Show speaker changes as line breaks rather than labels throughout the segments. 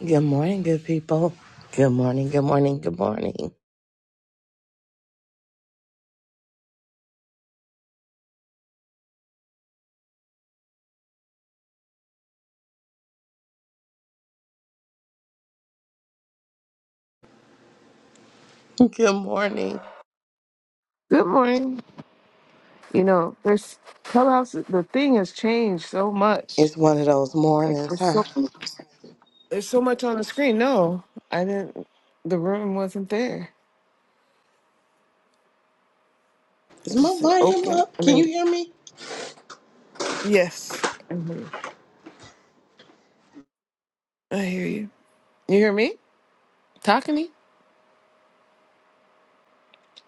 Good morning, good people. Good morning, good morning, good morning. Good morning.
Good morning. You know, there's Clubhouse. The thing has changed so much.
It's one of those
Like
mornings,
there's
huh?
so there's so much on the screen. No, I didn't. The room wasn't there. It
Is my
just said
volume
open.
up?
I
Can
mean,
you hear me?
yes. Mhm. I hear you. You hear me talking to me?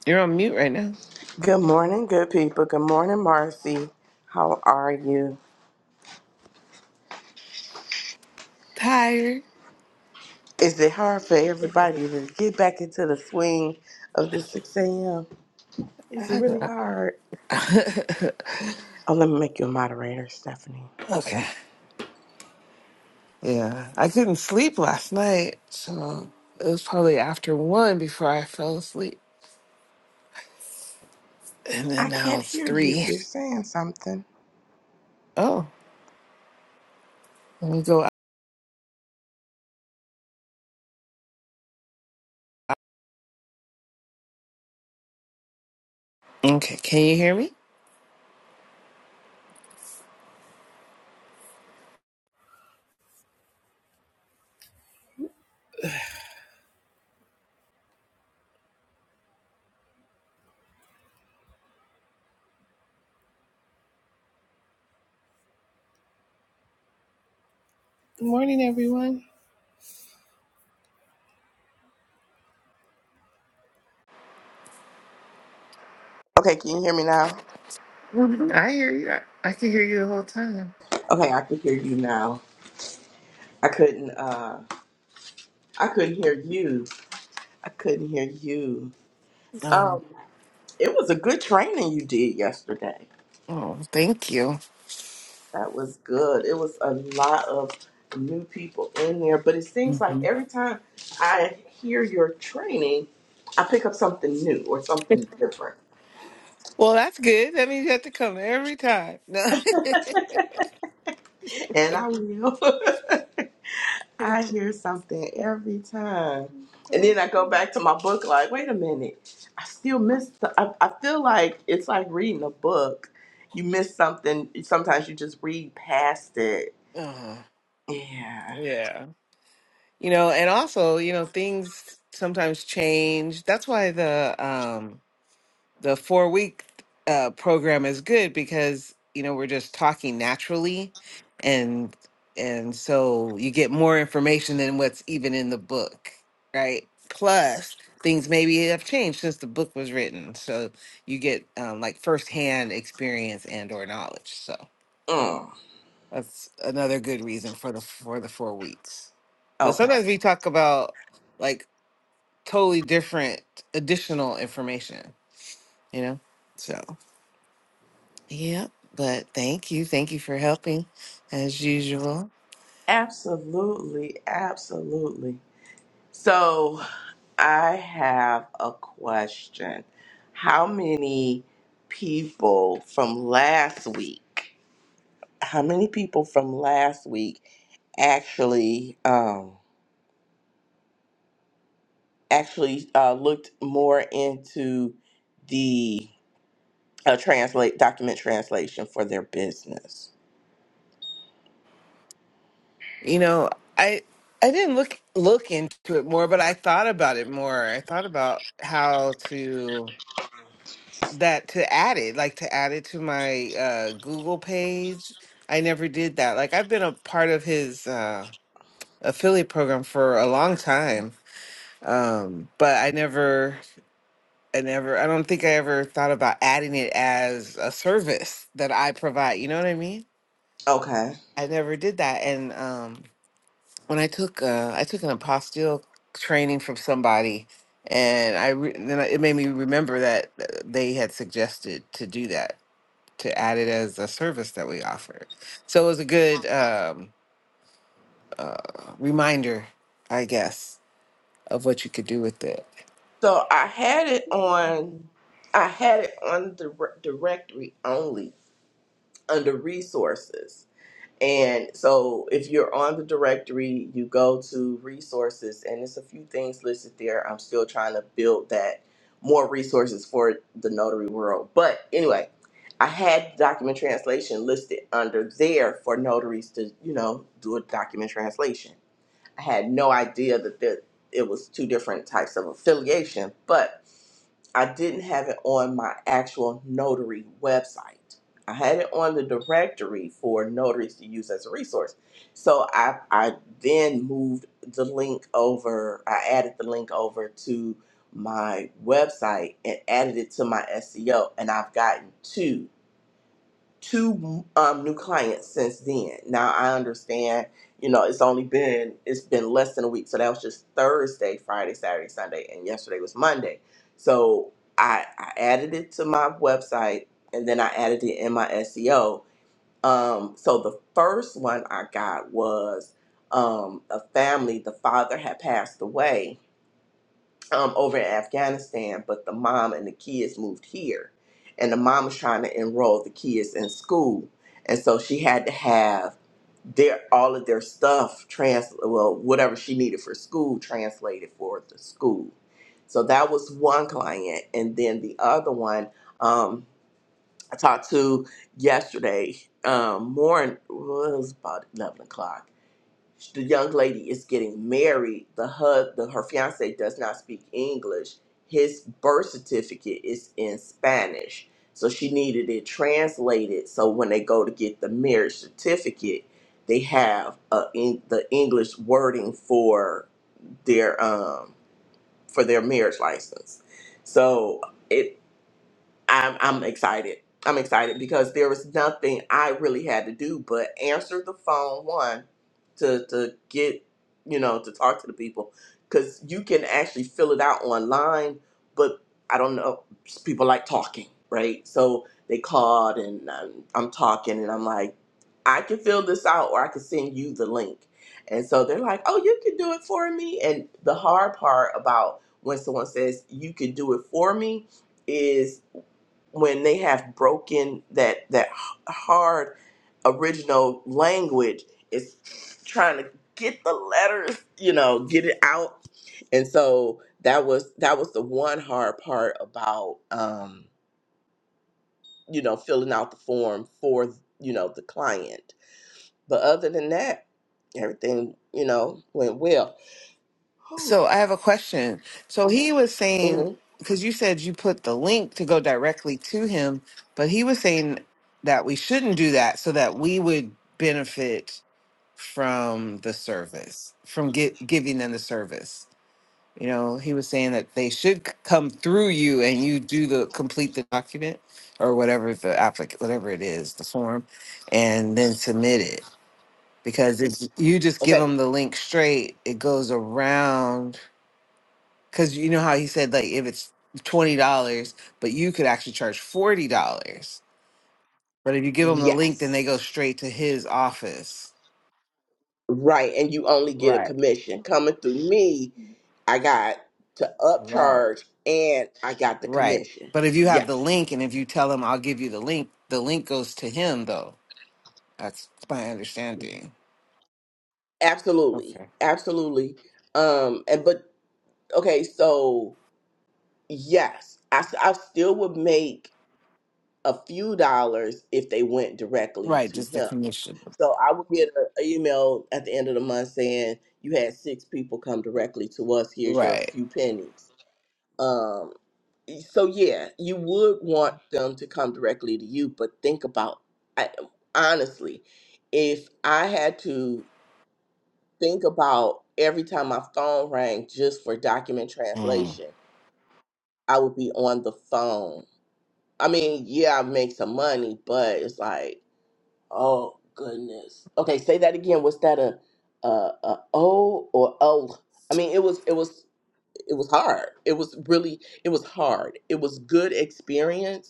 You're on mute right now.
Good morning, good people. Good morning, Marcy. How are you?
Tired.
Is it hard for everybody to get back into the swing of the 6 a.m.? Is it
I
really
know.
hard? Oh, let me make you a moderator, Stephanie.
okay. Yeah, I couldn't sleep last night, so it was probably after one before I fell asleep, and
I
then now
can't
it's
hear you if
three.
you're saying something.
Oh, let me go Okay, can you hear me? Good morning, everyone.
Okay, can you hear me now?
Mhm. I hear you. I, I can hear you the whole time.
Okay, I can hear you now. I couldn't. Uh, I couldn't hear you. I couldn't hear you.
Um,
Um, it was a good training you did yesterday.
oh, thank you.
That was good. It was a lot of new people in there, but it seems like
hmm
every time I hear your training, I pick up something new or something different,
Well, that's good. That means you have to come every time. No.
and I will. I hear something every time. And then I go
Okay.
back to my book, like, wait a minute, I still miss. The, I, I feel like it's like reading a book. You miss something. Sometimes you just read past it.
Uh,
Yeah.
yeah. You know, and also, you know, things sometimes change. That's why the um, the four week uh, program is good because you know we're just talking naturally and and so you get more information than what's even in the book right plus things maybe have changed since the book was written so you get um, like firsthand experience and or knowledge so
Mm.
that's another good reason for the for the four weeks because
Okay.
sometimes we talk about like totally different additional information you know so Yep. But thank you. Thank you for helping as usual.
Absolutely. Absolutely. So I have a question. How many people from last week? how many people from last week actually um, actually uh, looked more into the uh, translate document translation for their business.
You know, I I didn't look look into it more, but I thought about it more. I thought about how to that to add it, like to add it to my uh Google page. I never did that. Like I've been a part of his uh affiliate program for a long time. Um, but I never I never I don't think I ever thought about adding it as a service that I provide. You know what I mean?
Okay,
I never did that. And um, when I took uh, I took an apostille training from somebody, and I re- then it made me remember that uh, they had suggested to do that to add it as a service that we offered. So it was a good um, uh, reminder, I guess, of what you could do with it.
so I had it on I had it on the re- directory only under resources And so if you're on the directory, you go to resources, and there's a few things listed there. I'm still trying to build that more resources for the notary world. But anyway, I had document translation listed under there for notaries to, you know, do a document translation. I had no idea that there, it was two different types of affiliation, but I didn't have it on my actual notary website. I had it on the directory for notaries to use as a resource. So I, I then moved the link over, I added the link over to my website and added it to my SEO, and I've gotten two two um, new clients since then. Now I understand, you know, it's only been it's been less than a week, so that was just Thursday, Friday, Saturday, Sunday, and yesterday was Monday. So I I added it to my website, and then I added it in my SEO. Um, so the first one I got was um, a family. The father had passed away, um, over in Afghanistan, but the mom and the kids moved here. And the mom was trying to enroll the kids in school. And so she had to have their all of their stuff trans well, whatever she needed for school translated for the school. So that was one client. And then the other one, um, I talked to yesterday um morning well, it was about eleven o'clock the young lady is getting married. The hub, the, her fiance does not speak English. His birth certificate is in Spanish, so she needed it translated. So when they go to get the marriage certificate, they have uh in, the English wording for their um for their marriage license. So. it. I'm I'm excited. I'm excited because there was nothing I really had to do but answer the phone one to to get you know to talk to the people because you can actually fill it out online, but I don't know people like talking right, so they called and I'm, I'm talking and I'm like I can fill this out or I can send you the link. And so they're like, oh, you can do it for me. And the hard part about when someone says you can do it for me is when they have broken that that h- hard original language is trying to get the letters you know get it out and so that was that was the one hard part about um you know filling out the form for you know the client but other than that everything you know went well
So I have a question. So he was saying
hmm
because you said you put the link to go directly to him, but he was saying that we shouldn't do that so that we would benefit from the service, from get, giving them the service. You know, he was saying that they should c- come through you and you do the complete the document or whatever the applic whatever it is, the form, and then submit it. Because if you just give
okay
them the link straight, it goes around because you know how he said, like, if it's $20, but you could actually charge $40. But if you give them the link,
yes
then they go straight to his office.
Right, and you only get a
Right,
commission. Coming through me, I got to
right,
upcharge and I got the
right.
commission.
But if you have the
Yes.
link and if you tell him, I'll give you the link, the link goes to him, though. That's my understanding.
Absolutely.
Okay.
Absolutely. Um and but okay, so yes, I s- I still would make a few dollars if they went directly
Right,
to
just the
him.
commission.
So I would get a a email at the end of the month saying you had six people come directly to us. Here's your
Right.
few pennies. Um. so yeah, you would want them to come directly to you, but think about I, honestly, if I had to think about every time my phone rang just for document
Mhm.
translation, I would be on the phone. I mean, yeah, I make some money, but it's like, oh goodness. Okay, say that again. Was that a a, a O or O? I mean, it was it was it was hard. It was really it was hard. It was good experience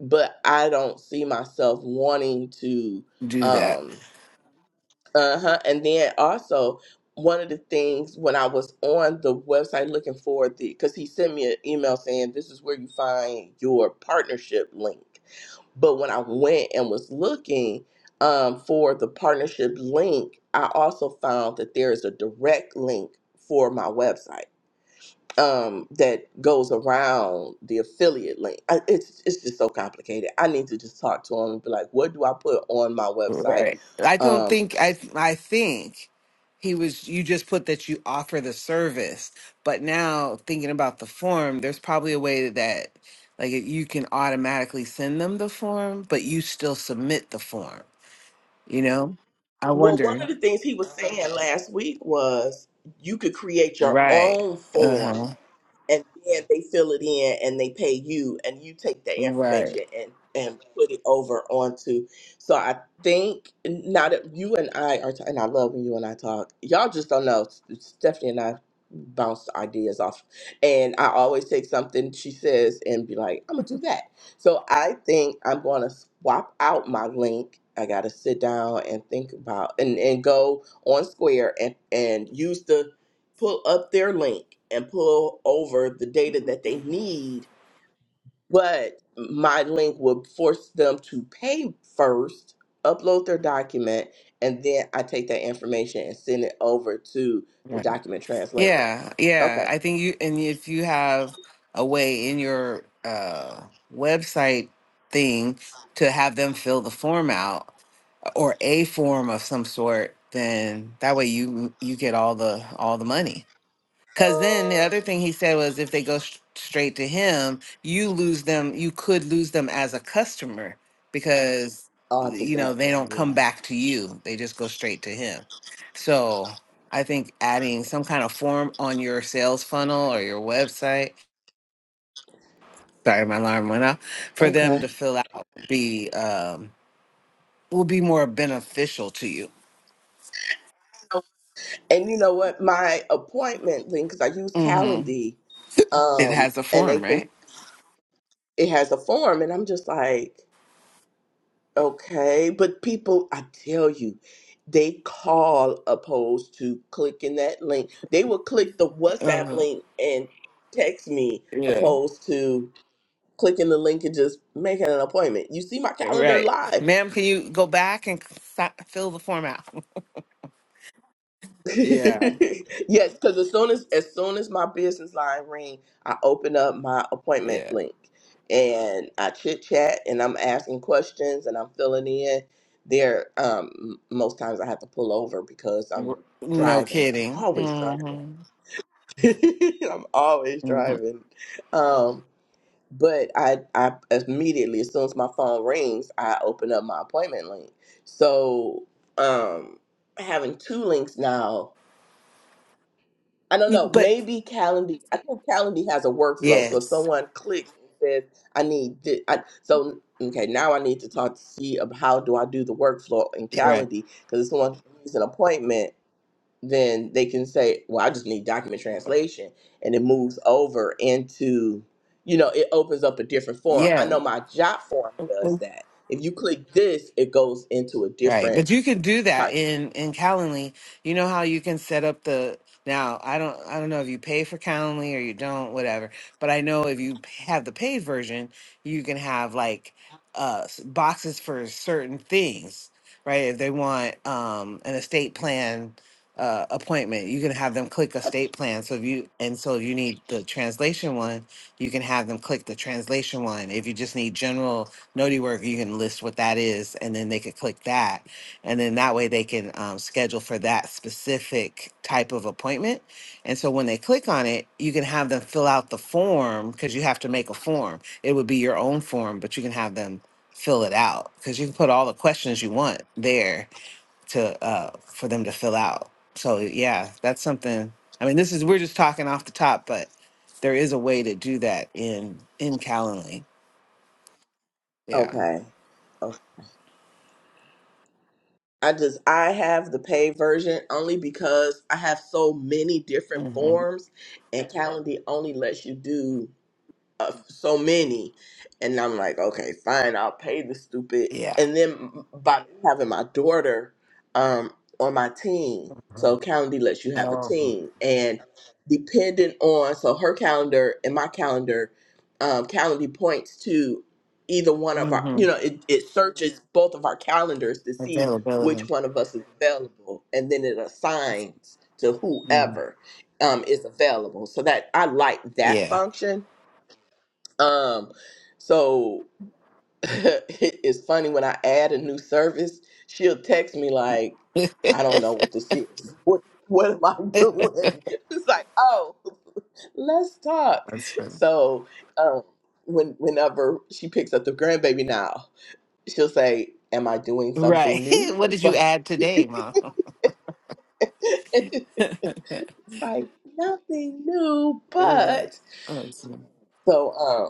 but I don't see myself wanting to
Do that.
um uh-huh and then also one of the things when I was on the website looking for the because he sent me an email saying this is where you find your partnership link. But when I went and was looking um, for the partnership link, I also found that there is a direct link for my website um, that goes around the affiliate link. I, it's it's just so complicated. I need to just talk to him and be like, what do I put on my website?
Right. I don't
Um,
think I I think he was you just put that you offer the service, but now thinking about the form, there's probably a way that like you can automatically send them the form, but you still submit the form, you know? I
well, one
wonder.
of the things he was saying last week was you could create your
Right.
own form
Uh-huh.
and then they fill it in and they pay you and you take that
Right.
information and and put it over onto so i think now that you and i are t- and i love when you and i talk y'all just don't know stephanie and i bounce ideas off and i always take something she says and be like i'm gonna do that so i think i'm gonna swap out my link i gotta sit down and think about and and go on square and and use the pull up their link and pull over the data that
Mhm.
they need, but my link would force them to pay first, upload their document, and then I take that information and send it over to the
Right.
document translator.
Yeah, yeah.
Okay.
I think you and if you have a way in your uh website thing to have them fill the form out or a form of some sort, then that way you you get all the all the money. Because then the other thing he said was if they go sh- straight to him, you lose them. You could lose them as a customer because
Oh, I took
you know
that
they
one.
don't come
Yeah.
back to you. They just go straight to him. So I think adding some kind of form on your sales funnel or your website. Sorry, my alarm went off. For them to
Okay.
fill out be um, will be more beneficial to you.
And you know what? My appointment link, because I use Calendly,
It
um,
has a
and they
form, right?
can, it has a form, and I'm just like, Okay, but people, I tell you, they call opposed to clicking that link. They will click the WhatsApp
Uh,
link and text me
yeah.
opposed to clicking the link and just making an appointment. You see my calendar
Right.
live.
Ma'am, can you go back and si- fill the form out? Yeah.
yes, because as soon as as soon as my business line ring, I open up my appointment
Yeah.
link and I chit chat and I'm asking questions and I'm filling in. There, um, m- most times I have to pull over because I'm
W- No
driving. I'm
kidding.
always driving.
hmm
I'm always
hmm
driving. Um, but I, I immediately as soon as my phone rings, I open up my appointment link. So, um, having two links now I don't know.
But
Maybe Calendly. I think Calendly has a workflow. So if
yes.
someone clicks and says, "I need," thi- I, so okay, now I need to talk to see of how do I do the workflow in
You're right.
Calendly because if someone needs an appointment, then they can say, "Well, I just need document translation," and it moves over into, you know, it opens up a different form. I know
Yes.
my job form does that. If you click this, it goes into a
Right.
different
But you can do that
type.
in in Calendly. You know how you can set up the now I don't I don't know if you pay for Calendly or you don't whatever, but I know if you p- have the paid version, you can have like uh s- boxes for certain things, right? If they want um an estate plan uh appointment, you can have them click estate plan. So if you and so if you need the translation one, you can have them click the translation one. If you just need general noti work, you can list what that is, and then they could click that. And then that way they can um, schedule for that specific type of appointment. And so when they click on it, you can have them fill out the form because you have to make a form. It would be your own form, but you can have them fill it out because you can put all the questions you want there to uh for them to fill out. So yeah, that's something. I mean, this is we're just talking off the top, but there is a way to do that in in Calendly. Yeah.
Okay. I just I have the paid version only because I have so many different
hmm
forms and Calendly only lets you do uh, so many and i'm like okay fine i'll pay the stupid
Yeah.
and then by me having my daughter um, on my team
Mhm.
so calendly lets you have a
Oh.
team and depending on so her calendar and my calendar um, calendly points to either one of our
hmm
you know it, it searches both of our calendars to see which
Availability.
one of us is available and then it assigns to
hmm
whoever um, is available so that i like that
Yeah.
function um, so it- it's funny when I add a new service, she'll text me like, "I don't know what this is. What what am I doing?" It's like, "Oh, let's talk."
that's funny.
So um, when whenever she picks up the grandbaby now, she'll say, "Am I doing
Right.
something new?" I
what did
was
you
like,
add today, Mom?
"It's like nothing new,
Yeah.
but."
Oh, it's-
So um,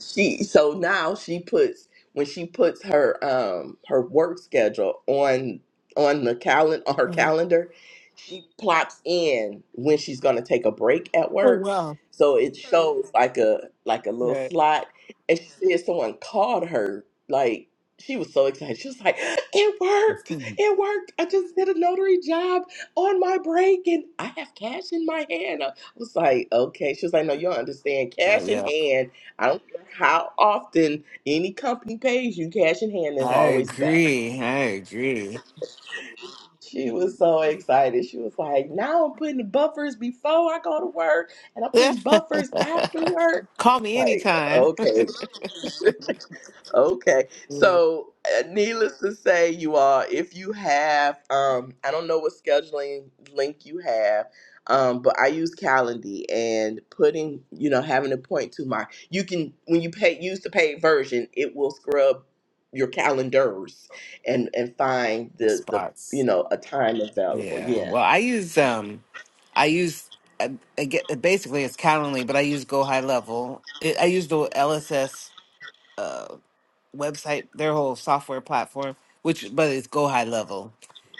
she so now she puts when she puts her um her work schedule on on the calendar on her
Mhm.
calendar she plops in when she's going to take a break at
Oh,
work
wow.
so it Mhm. shows like a like a little
Right.
slot and she said someone called her like she was so excited she was like it worked
Hmm.
it worked i just did a notary job on my break and i have cash in my hand i was like okay she was like no you don't understand
Uh,
cash in
yeah.
hand I don't care how often any company pays you cash in hand is
I
always better.
agree. I agree.
She was so excited. She was like, now I'm putting buffers before I go to work and I'm putting buffers after work.
Call me
Like,
anytime.
okay. Okay.
Yeah.
So, uh, needless to say, you all, if you have, um, I don't know what scheduling link you have, um, but I use Calendly and putting, you know, having a point to my, you can, when you pay, use the paid version, it will scrub your calendars and, and find
The
the, the, you
spots.
know, a time available.
Yeah.
Yeah.
Well, I use um, I use I, I get uh, basically it's Calendly, but I use Go High Level. It, I use the LSS uh website, their whole software platform, which but it's Go High Level,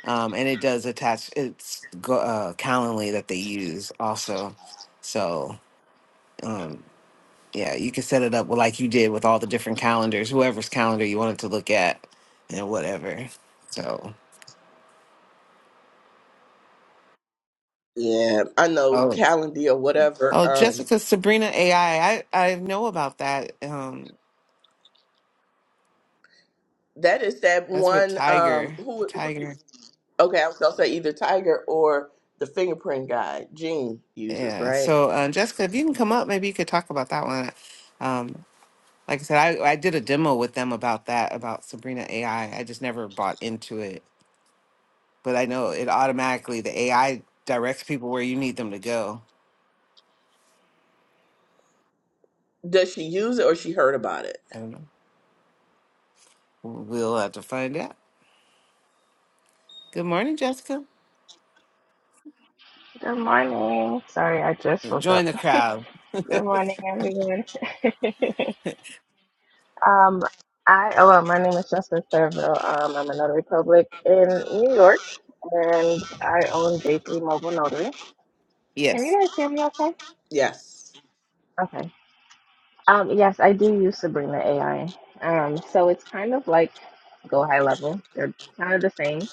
um, and it does attach it's go, uh, Calendly that they use also. So um, yeah, you can set it up like you did with all the different calendars, whoever's calendar you wanted to look at, and whatever. So.
Yeah. I know
oh,
Calendly or whatever.
Oh,
Um,
Jessica Sabrina AI. I I I know about that. Um,
that is that
that's with
one, um,
Tiger.
who,
Tiger.
Okay, I was gonna say either Tiger or the fingerprint guy Jean uses,
Yeah.
right?
So, uh, Jessica, if you can come up, maybe you could talk about that one. Um, like I said, I I did a demo with them about that about Sabrina AI. I I just never bought into it, but I know it automatically the AI directs people where you need them to go.
Does she use it or she heard about it?
I don't know. We'll have to find out. Good morning, Jessica.
Good morning. Sorry, I just woke up.
Join the crowd.
Good morning, everyone. um, I oh well, my name is Jessica Thurville. Um, I'm a notary public in New York, and I own J3 Mobile Notary. Can
Yes.
you guys hear me? Okay.
Yes.
Okay. Um, yes, I do use Sabrina AI. Um, so it's kind of like Go High Level. They're kind of the same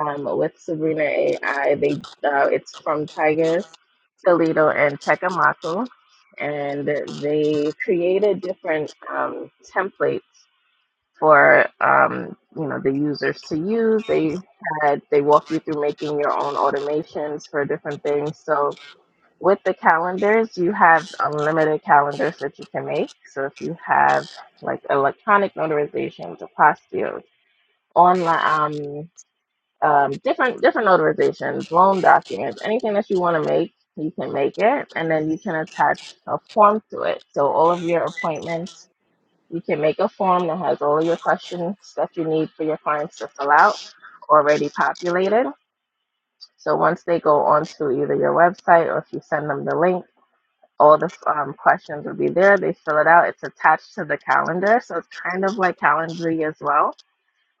um, with Sabrina AI. They uh, it's from Tiger Toledo and Tekamaku, and they created different um, templates for um, you know the users to use. They had they walk you through making your own automations for different things. So with the calendars, you have unlimited calendars that you can make. So if you have like electronic notarizations, apostilles, online. um, um, different different notarizations, loan documents, anything that you want to make, you can make it, and then you can attach a form to it. So all of your appointments, you can make a form that has all of your questions that you need for your clients to fill out already populated. So once they go onto either your website or if you send them the link, all the um, questions will be there. They fill it out. It's attached to the calendar, so it's kind of like Calendly as well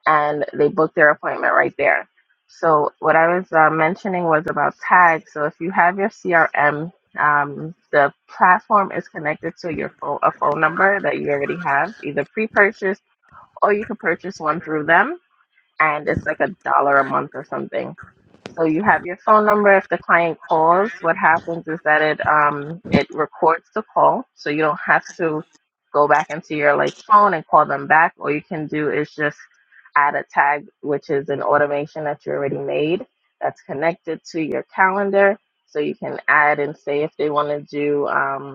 and they book their appointment right there. So what I was uh, mentioning was about tags. So if you have your CRM, um, the platform is connected to your phone, a phone number that you already have, either pre-purchase or you can purchase one through them and it's like a dollar a month or something. So you have your phone number. If the client calls, what happens is that it um it records the call, so you don't have to go back into your like phone and call them back. All you can do is just add a tag, which is an automation that you already made that's connected to your calendar, so you can add and say if they want to do um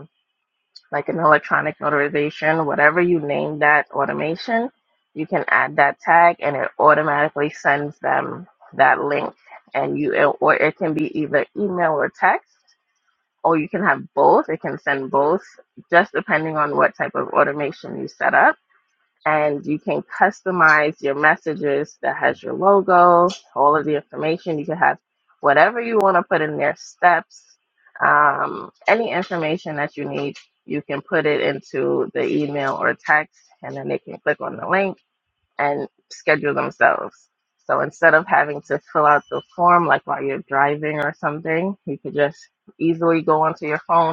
like an electronic notarization, whatever you name that automation, you can add that tag and it automatically sends them that link. And you, or it can be either email or text, or you can have both. It can send both, just depending on what type of automation you set up and you can customize your messages that has your logo, all of the information. You can have whatever you want to put in there, steps, um, any information that you need. You can put it into the email or text, and then they can click on the link and schedule themselves. So instead of having to fill out the form like while you're driving or something, you could just easily go onto your phone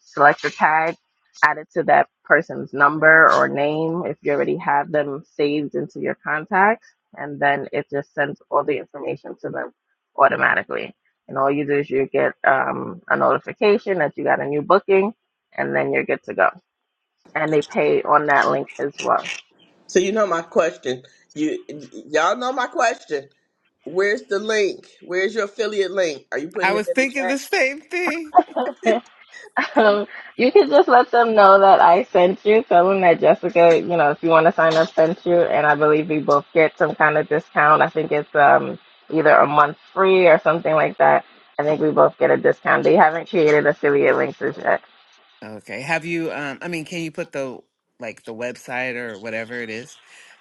select your tag, add it to that person's number or name if you already have them saved into your contacts, and then it just sends all the information to them automatically. And all you do is you get um, a notification that you got a new booking, and then you're good to go. And they pay on that link as well.
So you know my question. You y'all know my question. Where's the link? Where's your affiliate link? Are you
I
putting it
was
in the
thinking the
chat?
same thing.
Um, you can just let them know that I sent you. Tell them that Jessica, you know, if you want to sign up, sent you. And I believe we both get some kind of discount. I think it's um either a month free or something like that. I think we both get a discount. They haven't created affiliate links as yet.
Okay. Have you um I mean, can you put the like the website or whatever it is,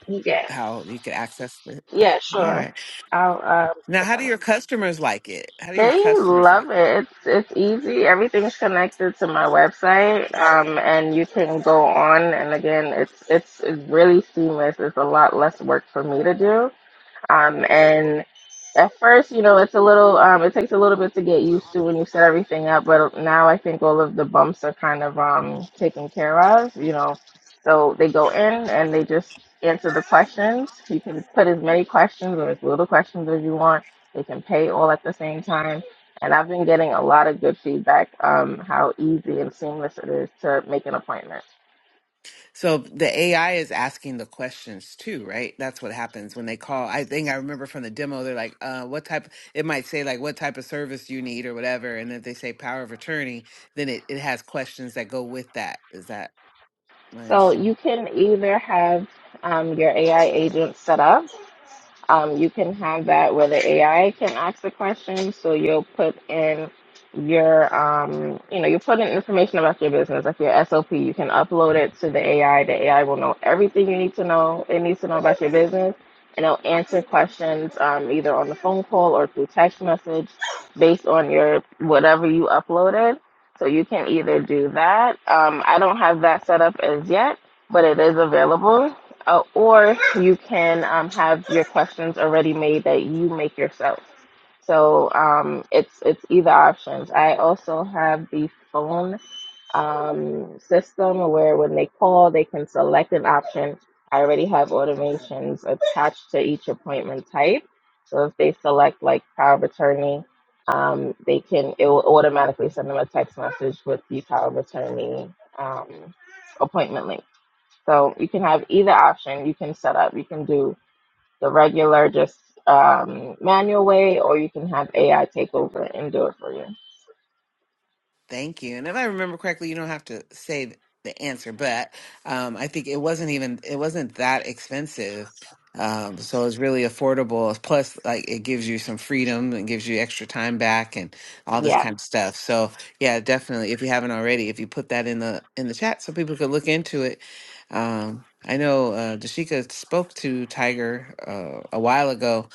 Yeah,
how you can access it?
yeah,
All
sure.
right.
I'll um.
Now,
put
how do
them-
your customers like it? How do your
They
customers
love
like it?
it. It's it's easy. Everything's connected to my website. Um, and you can go on. And again, it's it's, it's really seamless. It's a lot less work for me to do Um, and at first, you know, it's a little, um, it takes a little bit to get used to when you set everything up, but now I think all of the bumps are kind of um, taken care of, you know. So they go in and they just answer the questions. You can put as many questions or as little questions as you want. They can pay all at the same time. And I've been getting a lot of good feedback um, how easy and seamless it is to make an appointment.
So the AI is asking the questions too, right? That's what happens when they call. I think I remember from the demo, they're like, uh, what type, it might say like, what type of service you need or whatever. And if they say power of attorney, then it, it has questions that go with that. Is that my
So
understanding?
you can either have um, your AI agent set up um, you can have that where the AI can ask the question. So you'll put in your, um, you know, you put in information about your business, like your SOP. You can upload it to the AI. The AI will know everything you need to know. It needs to know about your business, and it'll answer questions um, either on the phone call or through text message, based on your whatever you uploaded. So you can either do that. Um, I don't have that set up as yet, but it is available. Uh, or you can um, have your questions already made that you make yourself. So um, it's it's either options. I also have the phone um, system where when they call, they can select an option. I already have automations attached to each appointment type. So if they select like power of attorney, um, they can it will automatically send them a text message with the power of attorney um, appointment link. So you can have either option you can set up. You can do the regular, just um, manual way, or you can have AI take over and do it for you.
Thank you. And if I remember correctly, you don't have to say th- the answer, but um, I think it wasn't even it wasn't that expensive. Um, so it's really affordable. Plus, like it gives you some freedom and gives you extra time back and all this
Yes,
kind of stuff. So yeah, definitely. If you haven't already, if you put that in the in the chat, so people could look into it. Um, I know uh, Dashika spoke to Tiger uh, a while ago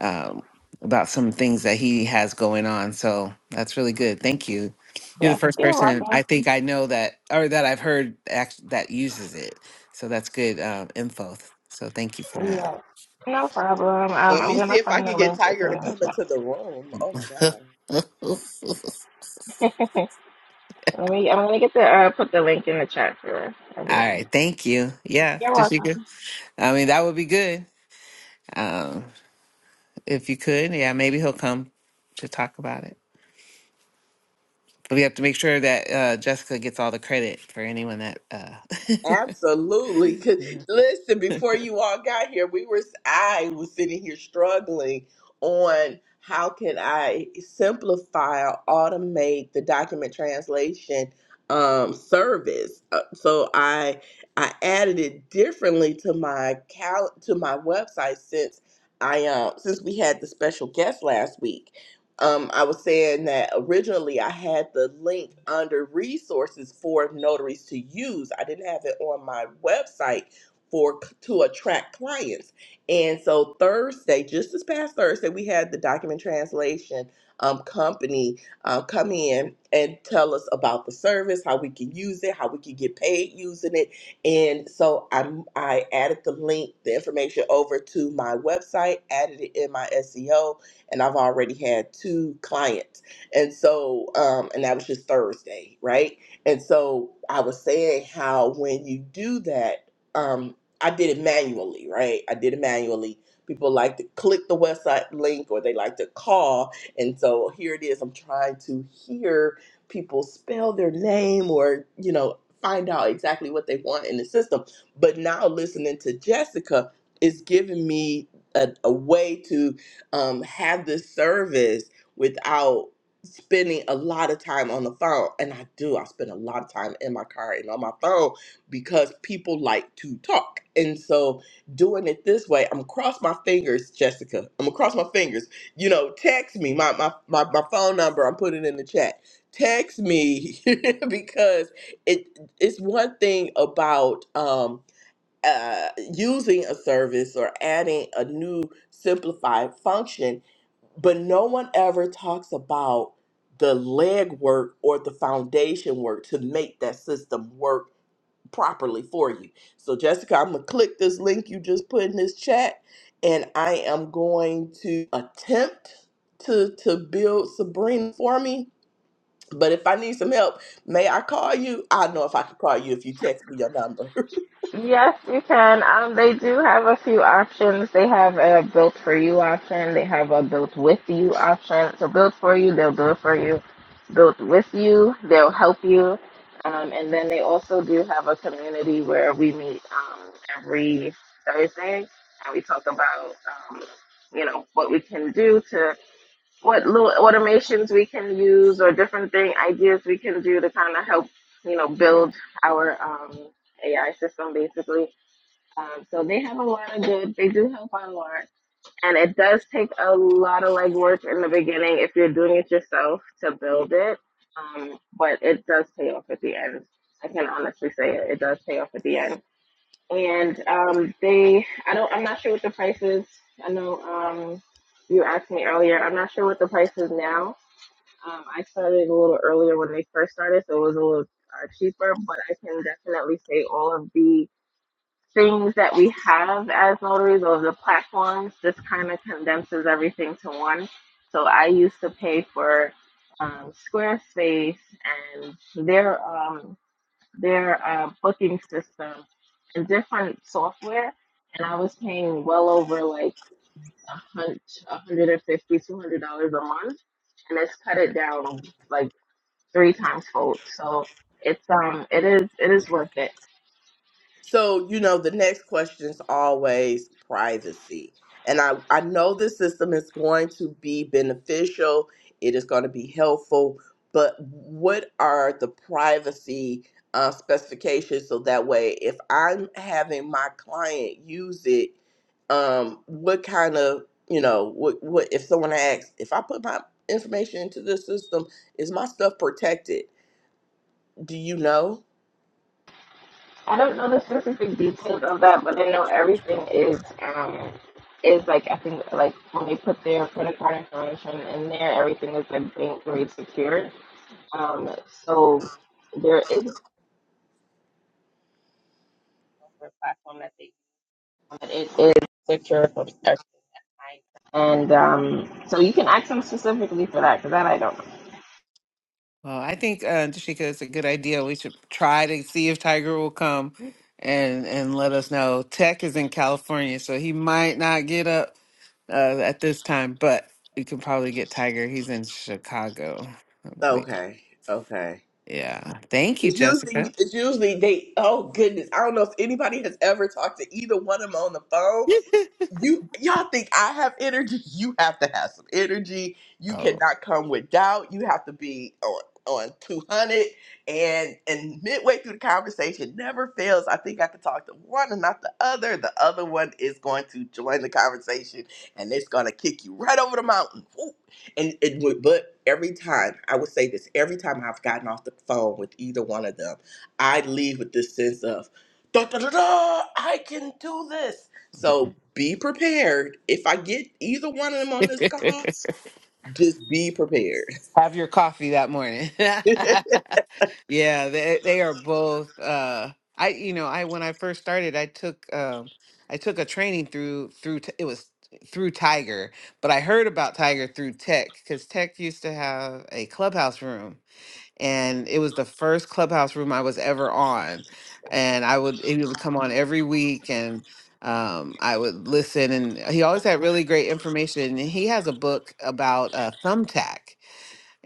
um, about some things that he has going on. So that's really good. Thank you you're the
yes,
first
you're welcome.
person I think I know that, or that I've heard act- that uses it. So that's good um, info. So thank you for that.
Yeah, no problem. Um,
Let
I'm
me see
gonna
if I
find
can
the
get
link to
Tiger
put it
to
in the
come into
chat.
the room. Oh my god.
Let me. I'm gonna get the uh, put the link in the chat for
All
everyone.
right, thank you. Yeah,
You're
just
welcome.
you could. I mean, that would be good um, if you could. Yeah, maybe he'll come to talk about it. But we have to make sure that uh, Jessica gets all the credit for anyone that. Uh...
Absolutely. 'Cause Listen, before you all got here, we were I was sitting here struggling on how can I simplify or automate the document translation um, service. Uh, so I I added it differently to my cal- to my website since I um since we had the special guest last week um, I was saying that originally I had the link under resources for notaries to use. I didn't have it on my website for to attract clients. And so Thursday, just this past Thursday, we had the document translation um, company uh, come in and tell us about the service, how we can use it, how we can get paid using it. And so I I added the link, the information over to my website, added it in my SEO and I've already had two clients. And so, um, and that was just Thursday, right? And so I was saying how when you do that, um, I did it manually, right? I did it manually. People like to click the website link or they like to call. And so here it is. I'm trying to hear people spell their name or, you know, find out exactly what they want in the system. But now listening to Jessica is giving me a, a way to um, have this service without spending a lot of time on the phone. And I do, I spend a lot of time in my car and on my phone because people like to talk. And so doing it this way, I'm gonna cross my fingers, Jessica. I'm gonna cross my fingers. You know, text me. My my my, my phone number, I'm putting it in the chat. Text me because it it's one thing about um uh, using a service or adding a new simplified function, but no one ever talks about the legwork or the foundation work to make that system work properly for you. So, Jessica, I'm going to click this link you just put in this chat, and I am going to attempt to, to build Sabrina for me. But if I need some help, may I call you? I know if I can call you if you text me your number.
Yes, you can. Um, they do have a few options. They have a built for you option. They have a built with you option. So built for you, they'll do it for you. Built with you, they'll help you. Um, and then they also do have a community where we meet um, every Thursday and we talk about um, you know what we can do to what little automations we can use or different thing ideas we can do to kind of help you know build our um, AI system basically. Um, so they have a lot of good. They do help a lot, and it does take a lot of legwork in the beginning if you're doing it yourself to build it. Um, but it does pay off at the end. I can honestly say it, it does pay off at the end and um, they I don't I'm not sure what the price is. I know um, you asked me earlier. I'm not sure what the price is now. Um, I started a little earlier when they first started, so it was a little uh, cheaper. But I can definitely say all of the things that we have as notaries or the platforms. This kind of condenses everything to one. So I used to pay for um, Squarespace and their um, their uh, booking system and different software, and I was paying well over like a hundred, a hundred and fifty, two hundred dollars a month, and it's cut it down like three times fold. So it's um, it is it is worth it.
So, you know, the next question is always privacy. And I, I know this system is going to be beneficial, it is going to be helpful, but what are the privacy uh, specifications so that way if I'm having my client use it, um, what kind of, you know, what, what if someone asks, if I put my information into this system, is my stuff protected? Do you know?
I don't know the specific details of that, but I know everything is um is like I think like when they put their credit card information in there, everything is like bank grade secured. Um, so there is a software platform that they but it is secure for protection. And um, so you can ask them specifically for that because that I don't know.
Well, I think uh, Tashika, it's a good idea. We should try to see if Tiger will come and and let us know. Tech is in California, so he might not get up uh, at this time, but we can probably get Tiger. He's in Chicago, I believe.
Okay, okay.
Yeah. Thank you,
It's
Jessica.
usually, it's usually they. Oh goodness, I don't know if anybody has ever talked to either one of them on the phone, you y'all think I have energy? You have to have some energy. You
Oh,
cannot come with doubt. You have to be on on 200 and and midway through the conversation never fails i think i can talk to one and not the other the other one is going to join the conversation and it's going to kick you right over the mountain Woo! and it would but every time i would say this every time i've gotten off the phone with either one of them i leave with this sense of da, da, da, da, i can do this so be prepared. If I get either one of them on this call, just be prepared.
have your coffee that morning. Yeah, they they are both uh I you know, I when I first started, I took um I took a training through through t- it was through Tiger, but I heard about Tiger through Tech cuz Tech used to have a clubhouse room and it was the first clubhouse room I was ever on. And I would it would come on every week and um I would listen and he always had really great information and he has a book about uh Thumbtack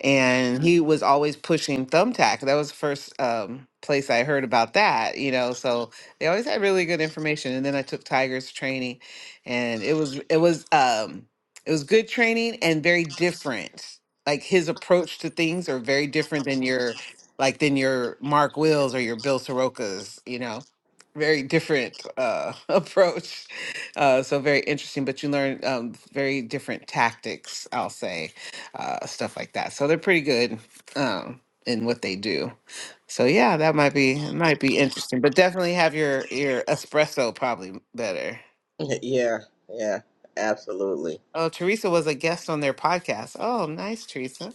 and he was always pushing thumbtack that was the first um, place i heard about that you know so they always had really good information and then i took tiger's training and it was it was um it was good training and very different like his approach to things are very different than your like than your mark wills or your bill sorokas you know very different uh approach uh so very interesting but you learn um very different tactics i'll say uh, stuff like that. So they're pretty good um, in what they do. So yeah, that might be might be interesting, but definitely have your your espresso probably better.
yeah, yeah, absolutely.
Oh, Teresa was a guest on their podcast. Oh, nice, Teresa.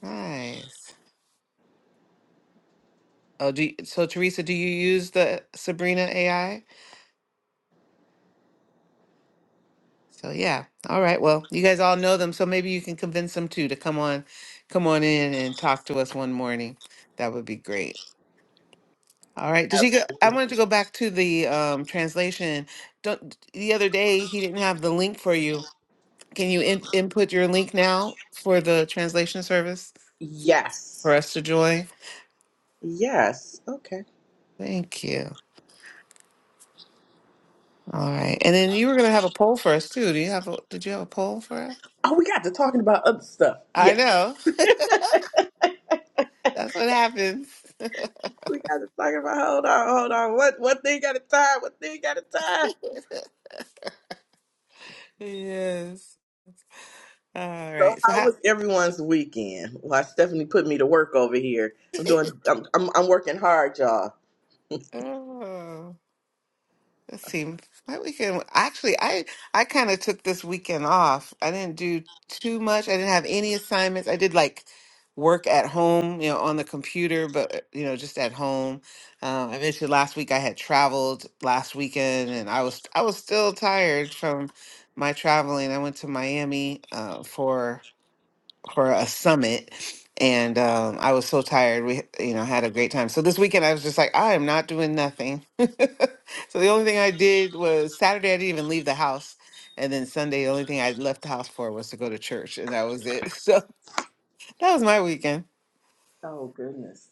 Nice. Oh, do you, so Teresa, do you use the Sabrina AI? So yeah. All right. Well, you guys all know them, so maybe you can convince them too to come on, come on in and talk to us one morning. That would be great. All right. Does she go? I
Absolutely.
wanted to go back to the um, translation. Don't, the other day, he didn't have the link for you. Can you in, input your link now for the translation service for
Yes.
us to join?
Yes. Okay.
Thank you. All right. And then you were going to have a poll for us too. Do you have a, did you have a poll for us?
Oh, we got to talking about other stuff.
I
Yes.
know. That's what happens.
We got to talking about hold on, hold on. What what thing got a time? What thing got a time?
yes. All
So
right. So
how
how,
was everyone's weekend? Why Stephanie put me to work over here. I'm doing I'm I'm, I'm working hard, y'all.
oh. Let's see. My weekend actually I I kind of took this weekend off. I didn't do too much. I didn't have any assignments. I did like work at home, you know, on the computer, but uh, you know, just at home. Um, I mentioned last week I had traveled last weekend, and I was I was still tired from my traveling. I went to Miami uh, for for a summit and um, I was so tired. We, you know, had a great time. So this weekend I was just like, I am not doing nothing. so the only thing I did was Saturday I didn't even leave the house. And then Sunday, the only thing I left the house for was to go to church, and that was it. So that was my weekend.
Oh goodness.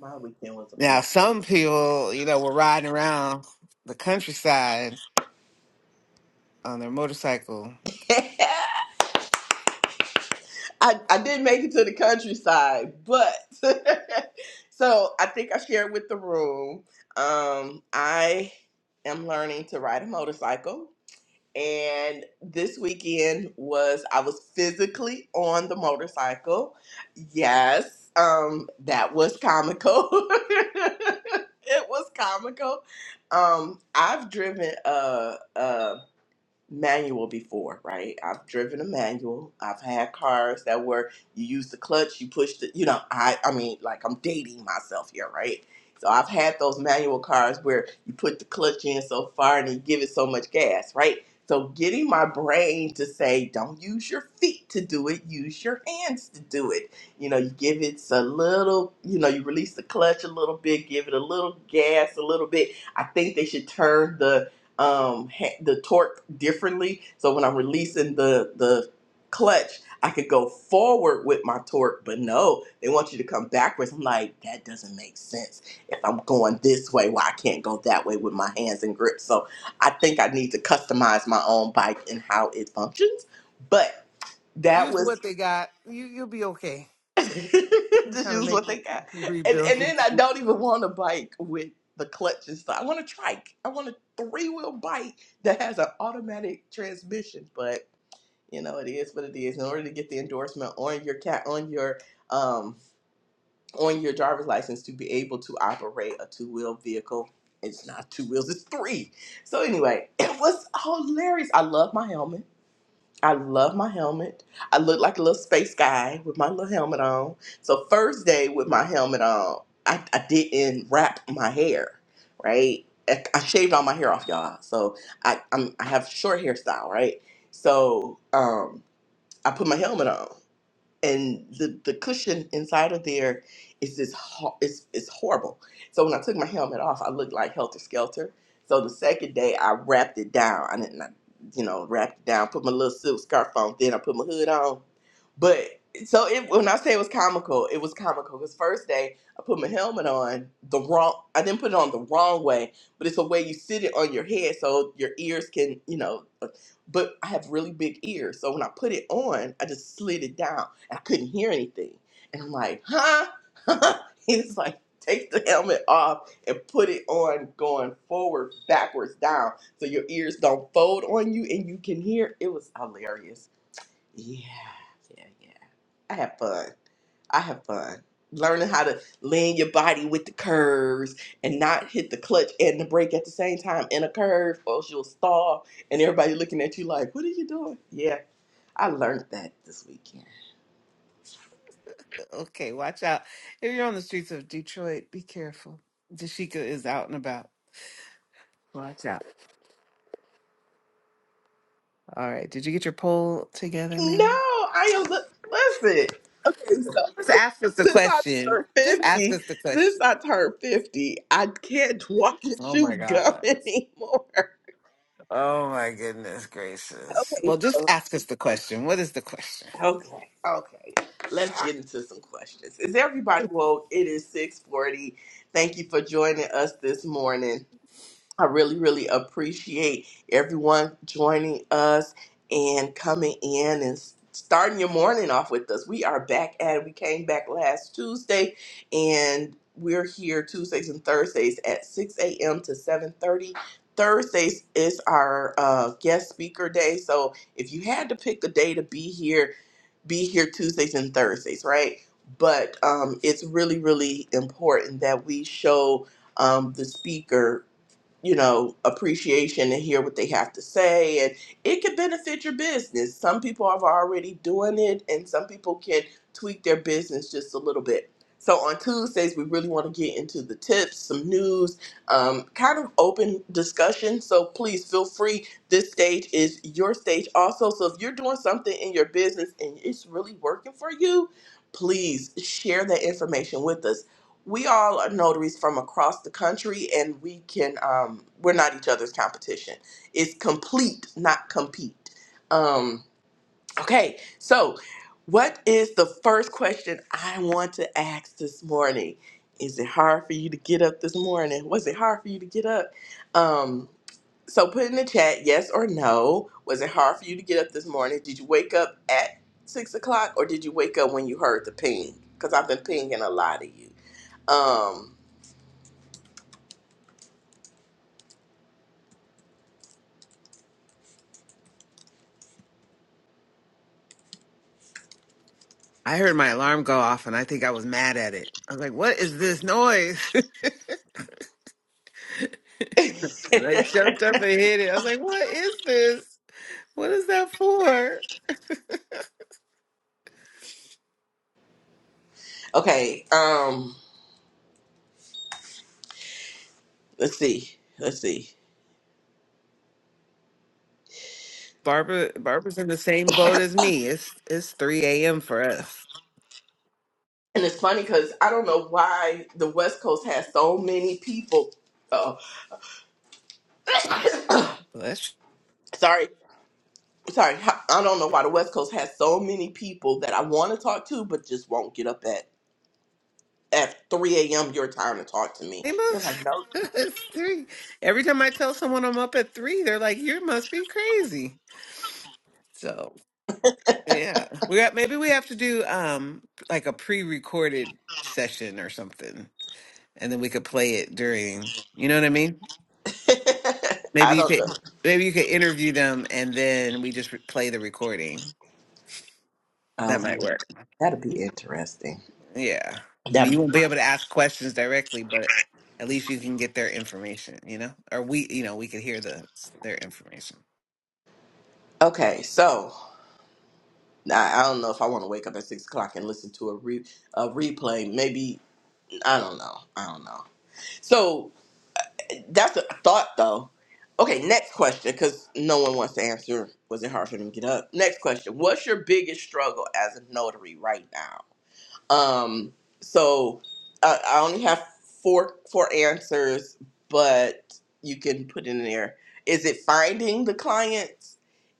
My weekend was a
Now,
blur.
some people, you know, were riding around the countryside on their motorcycle.
I, I did make it to the countryside, but so I think I shared with the room. Um, I am learning to ride a motorcycle, and this weekend was I was physically on the motorcycle. Yes, um, that was comical. it was comical. Um, I've driven a, manual before, right? I've driven a manual. I've had cars that were you use the clutch, you push the, you know, I I mean, like I'm dating myself here, right? So I've had those manual cars where you put the clutch in so far and you give it so much gas, right? So getting my brain to say, don't use your feet to do it, use your hands to do it. You know, you give it a little, you know, you release the clutch a little bit, give it a little gas a little bit. I think they should turn the um ha- the torque differently so when i'm releasing the the clutch i could go forward with my torque but no they want you to come backwards i'm like that doesn't make sense if i'm going this way why i can't go that way with my hands and grip so i think i need to customize my own bike and how it functions but that
Use
was
what they got. You, you'll be okay. We're
Just
trying to
use
make
what they got. And
rebuild
and
it.
then I don't even want a bike with the clutch and stuff. I want a trike. I want a three wheel bike that has an automatic transmission. But you know, it is what it is. In order to get the endorsement on your cat on your um on your driver's license to be able to operate a two wheel vehicle. It's not two wheels, it's three. So anyway, it was hilarious. I love my helmet. I love my helmet. I look like a little space guy with my little helmet on. So first day with my helmet on, I, I didn't wrap my hair, right? I, I shaved all my hair off, y'all. So I I'm, I have short hairstyle, right? So um, I put my helmet on and the, the cushion inside of there is this ho- it's, it's horrible so when i took my helmet off i looked like helter skelter so the second day i wrapped it down i didn't I, you know wrapped it down put my little silk scarf on then i put my hood on but so it, when i say it was comical it was comical because first day i put my helmet on the wrong i didn't put it on the wrong way but it's a way you sit it on your head so your ears can you know but i have really big ears so when i put it on i just slid it down I couldn't hear anything. And I'm like, huh? He's like, take the helmet off and put it on going forward, backwards, down, so your ears don't fold on you and you can hear. It was hilarious. Yeah, yeah, yeah. I have fun. I have fun. Learning how to lean your body with the curves and not hit the clutch and the brake at the same time in a curve, or else you'll stall and everybody looking at you like, what are you doing? Yeah, I learned that this weekend.
Okay, watch out. If you're on the streets of Detroit, be careful. Dashika is out and about. Watch out. All right. Did you get your poll together,
No,
man?
I am. li- Listen, okay. So
Just
since,
ask us the
since I
question.
turned
Just ask
fifty,
us the
since
question.
I turned fifty, I can't walk and
Oh
chew
my God.
gum anymore.
Oh my goodness gracious.
Okay,
Well, just
so
ask us the question. What is the question?
okay, okay. Let's get into some questions. Is everybody woke? It is six forty. Thank you for joining us this morning. I really, really appreciate everyone joining us and coming in and s- starting your morning off with us. We are back at it. We came back last Tuesday and we're here Tuesdays and Thursdays at 6 a.m. to 7:30. Thursdays is our uh, guest speaker day. So if you had to pick a day to be here, be here Tuesdays and Thursdays, right? But um, it's really, really important that we show um, the speaker you know, appreciation and hear what they have to say. And it could benefit your business. Some people are already doing it, and some people can tweak their business just a little bit. So on Tuesdays, we really want to get into the tips, some news, um, kind of open discussion. So please feel free. This stage is your stage also. So if you're doing something in your business and it's really working for you, please share that information with us we all are notaries from across the country and we can um we're not each other's competition it's complete not compete um okay so what is the first question i want to ask this morning is it hard for you to get up this morning was it hard for you to get up um so put in the chat yes or no was it hard for you to get up this morning did you wake up at six o'clock or did you wake up when you heard the ping because i've been pinging a lot of you um
I heard my alarm go off and I think I was mad at it. I was like, what is this noise? and I jumped up and hit it. I was like, what is this? What is that for?
okay, um, let's see. Let's see.
Barbara Barbara's in the same boat as me. It's it's 3 a.m. for us.
And it's funny because I don't know why the West Coast has so many people. Oh,
Well, That's
sorry. Sorry. I don't know why the West Coast has so many people that I want to talk to, but just won't get up at, at 3 a.m. your time to talk to me.
shame
They're like,
us.
no.
it's three. Every time I tell someone I'm up at three, they're like, You must be crazy. So yeah. We got maybe we have to do um like a pre recorded session or something. And then we could play it during you know what I mean?
I
Maybe you
don't
could
know.
maybe you could interview them and then we just re- play the recording. That
Oh,
might work.
that'll be interesting.
Yeah. I mean,
That'll
you
be.
won't be able to ask questions directly, but at least you can get their information, you know? Or we, you know, we could hear the their information.
Okay, so I I don't know if I want to wake up at 6 o'clock and listen to a, re- a replay. Maybe I don't know. I don't know. So that's a thought, though. Okay, next question, because no one wants to answer. Was it hard for them to get up? Next question: What's your biggest struggle as a notary right now? Um, so I, I only have four four answers, but you can put in there. Is it finding the clients?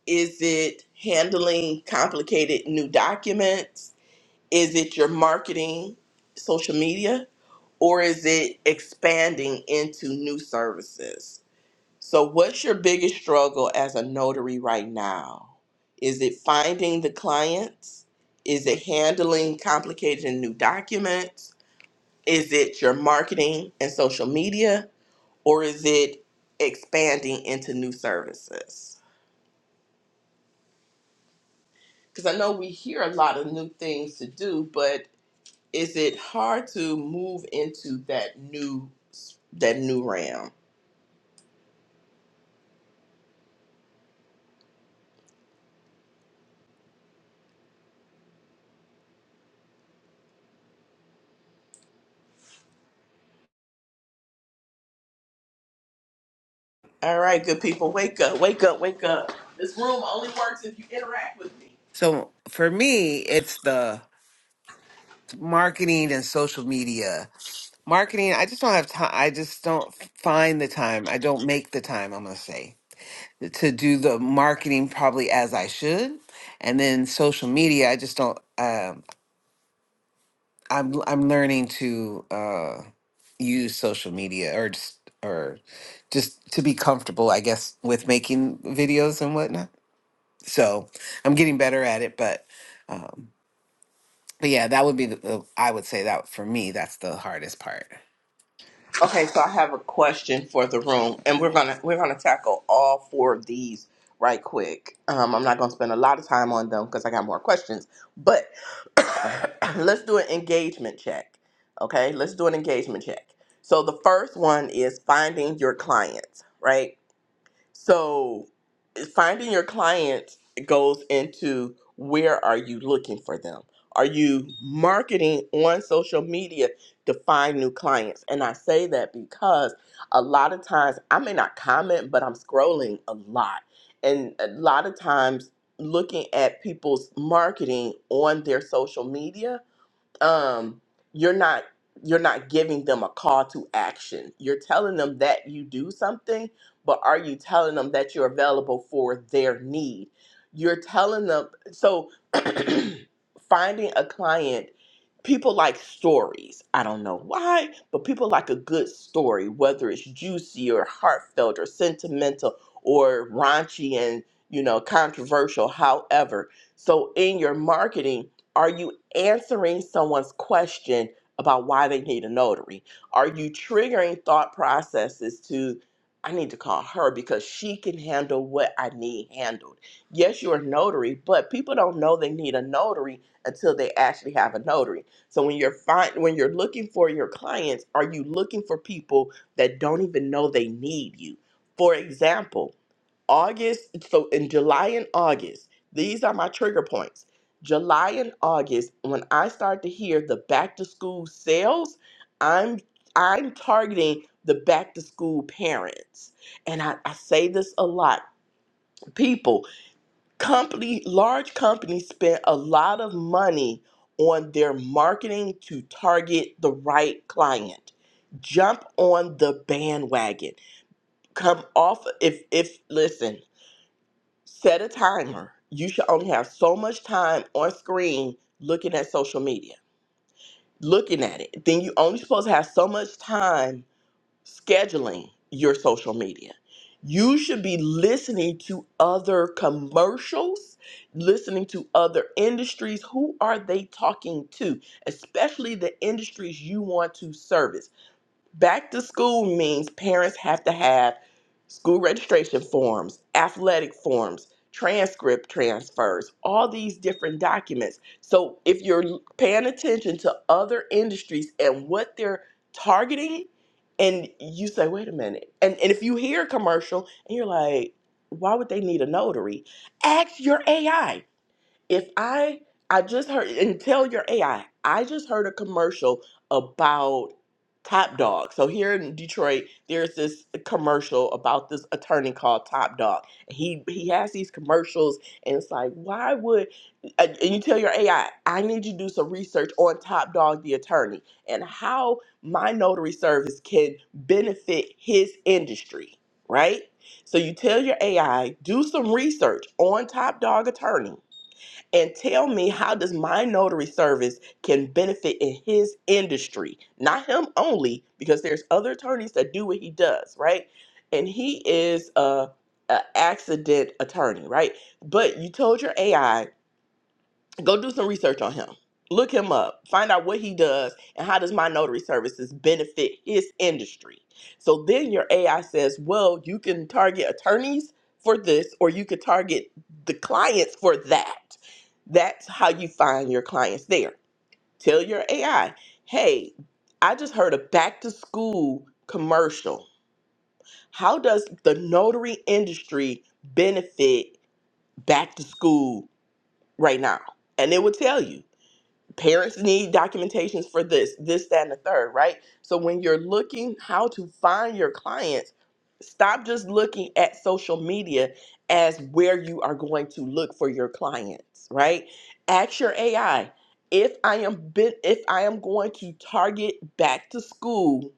Is it handling complicated new documents? Is it your marketing, social media? or is it expanding into new services? So, what's your biggest struggle as a notary right now? Is it finding the clients? Is it handling complicated and new documents? Is it your marketing and social media? Or is it expanding into new services? Because I know we hear a lot of new things to do, but is it hard to move into that new that new realm? All right, good people, wake up, wake up, wake up. This room only works if you interact with me.
So for me, it's the marketing and social media. Marketing, I just don't have time. I just don't find the time. I don't make the time, I'm going to say, to do the marketing probably as I should. And then social media, I just don't. Um, I'm l- I'm learning to uh use social media or just or just to be comfortable, I guess, with making videos and whatnot. So I'm getting better at it, but um but yeah, that would be the, the I would say that for me, that's the hardest part.
Okay, so I have a question for the room, and we're gonna we're gonna tackle all four of these right quick. Um, I'm not gonna spend a lot of time on them because I got more questions, but let's do an engagement check. Okay, let's do an engagement check. So the first one is finding your clients, right? So finding your clients goes into where are you looking for them? Are you marketing on social media to find new clients? And I say that because a lot of times I may not comment, but I'm scrolling a lot. And a lot of times looking at people's marketing on their social media um you're not you're not giving them a call to action you're telling them that you do something but are you telling them that you're available for their need you're telling them so finding a client people like stories i don't know why but people like a good story whether it's juicy or heartfelt or sentimental or raunchy and you know controversial however so in your marketing are you answering someone's question about why they need a notary? Are you triggering thought processes to, I need to call her because she can handle what I need handled? Yes, you're a notary, but people don't know they need a notary until they actually have a notary. So when you're find, when you're looking for your clients, are you looking for people that don't even know they need you? For example, August, so in July and August, these are my trigger points. July and August, when I start to hear the back to school sales, I'm I'm targeting the back to school parents. And I, I say this a lot. People, company, large companies spend a lot of money on their marketing to target the right client. Jump on the bandwagon. Come off if if listen, Set a timer. You should only have so much time on screen looking at social media, looking at it. Then you only supposed to have so much time scheduling your social media. You should be listening to other commercials, listening to other industries. Who are they talking to? Especially the industries you want to service Back to school means parents have to have school registration forms, athletic forms, transcript transfers, all these different documents. So if you're paying attention to other industries and what they're targeting, and you say, wait a minute. And, and if you hear a commercial and you're like, why would they need a notary? Ask your AI if I I just heard and tell your AI, I I just heard a commercial about Top Dog. So here in Detroit, there's this commercial about this attorney called Top Dog. He he has these commercials, and it's like, why would? And and you tell your AI, I I need you to do some research on Top Dog, the attorney, and how my notary service can benefit his industry, right? So you tell your AI, do some research on Top Dog Attorney and tell me how does my notary service can benefit in his industry not him only because there's other attorneys that do what he does right and he is a, a accident attorney right but you told your ai go do some research on him look him up find out what he does and how does my notary services benefit his industry so then your ai says well you can target attorneys for this or you could target the clients for that that's how you find your clients there tell your ai hey i just heard a back to school commercial how does the notary industry benefit back to school right now and it will tell you parents need documentations for this, this, that, and the third, right? So when you're looking how to find your clients, stop just looking at social media as where you are going to look for your clients, right? Ask your AI if I am bit, if I am going to target back to school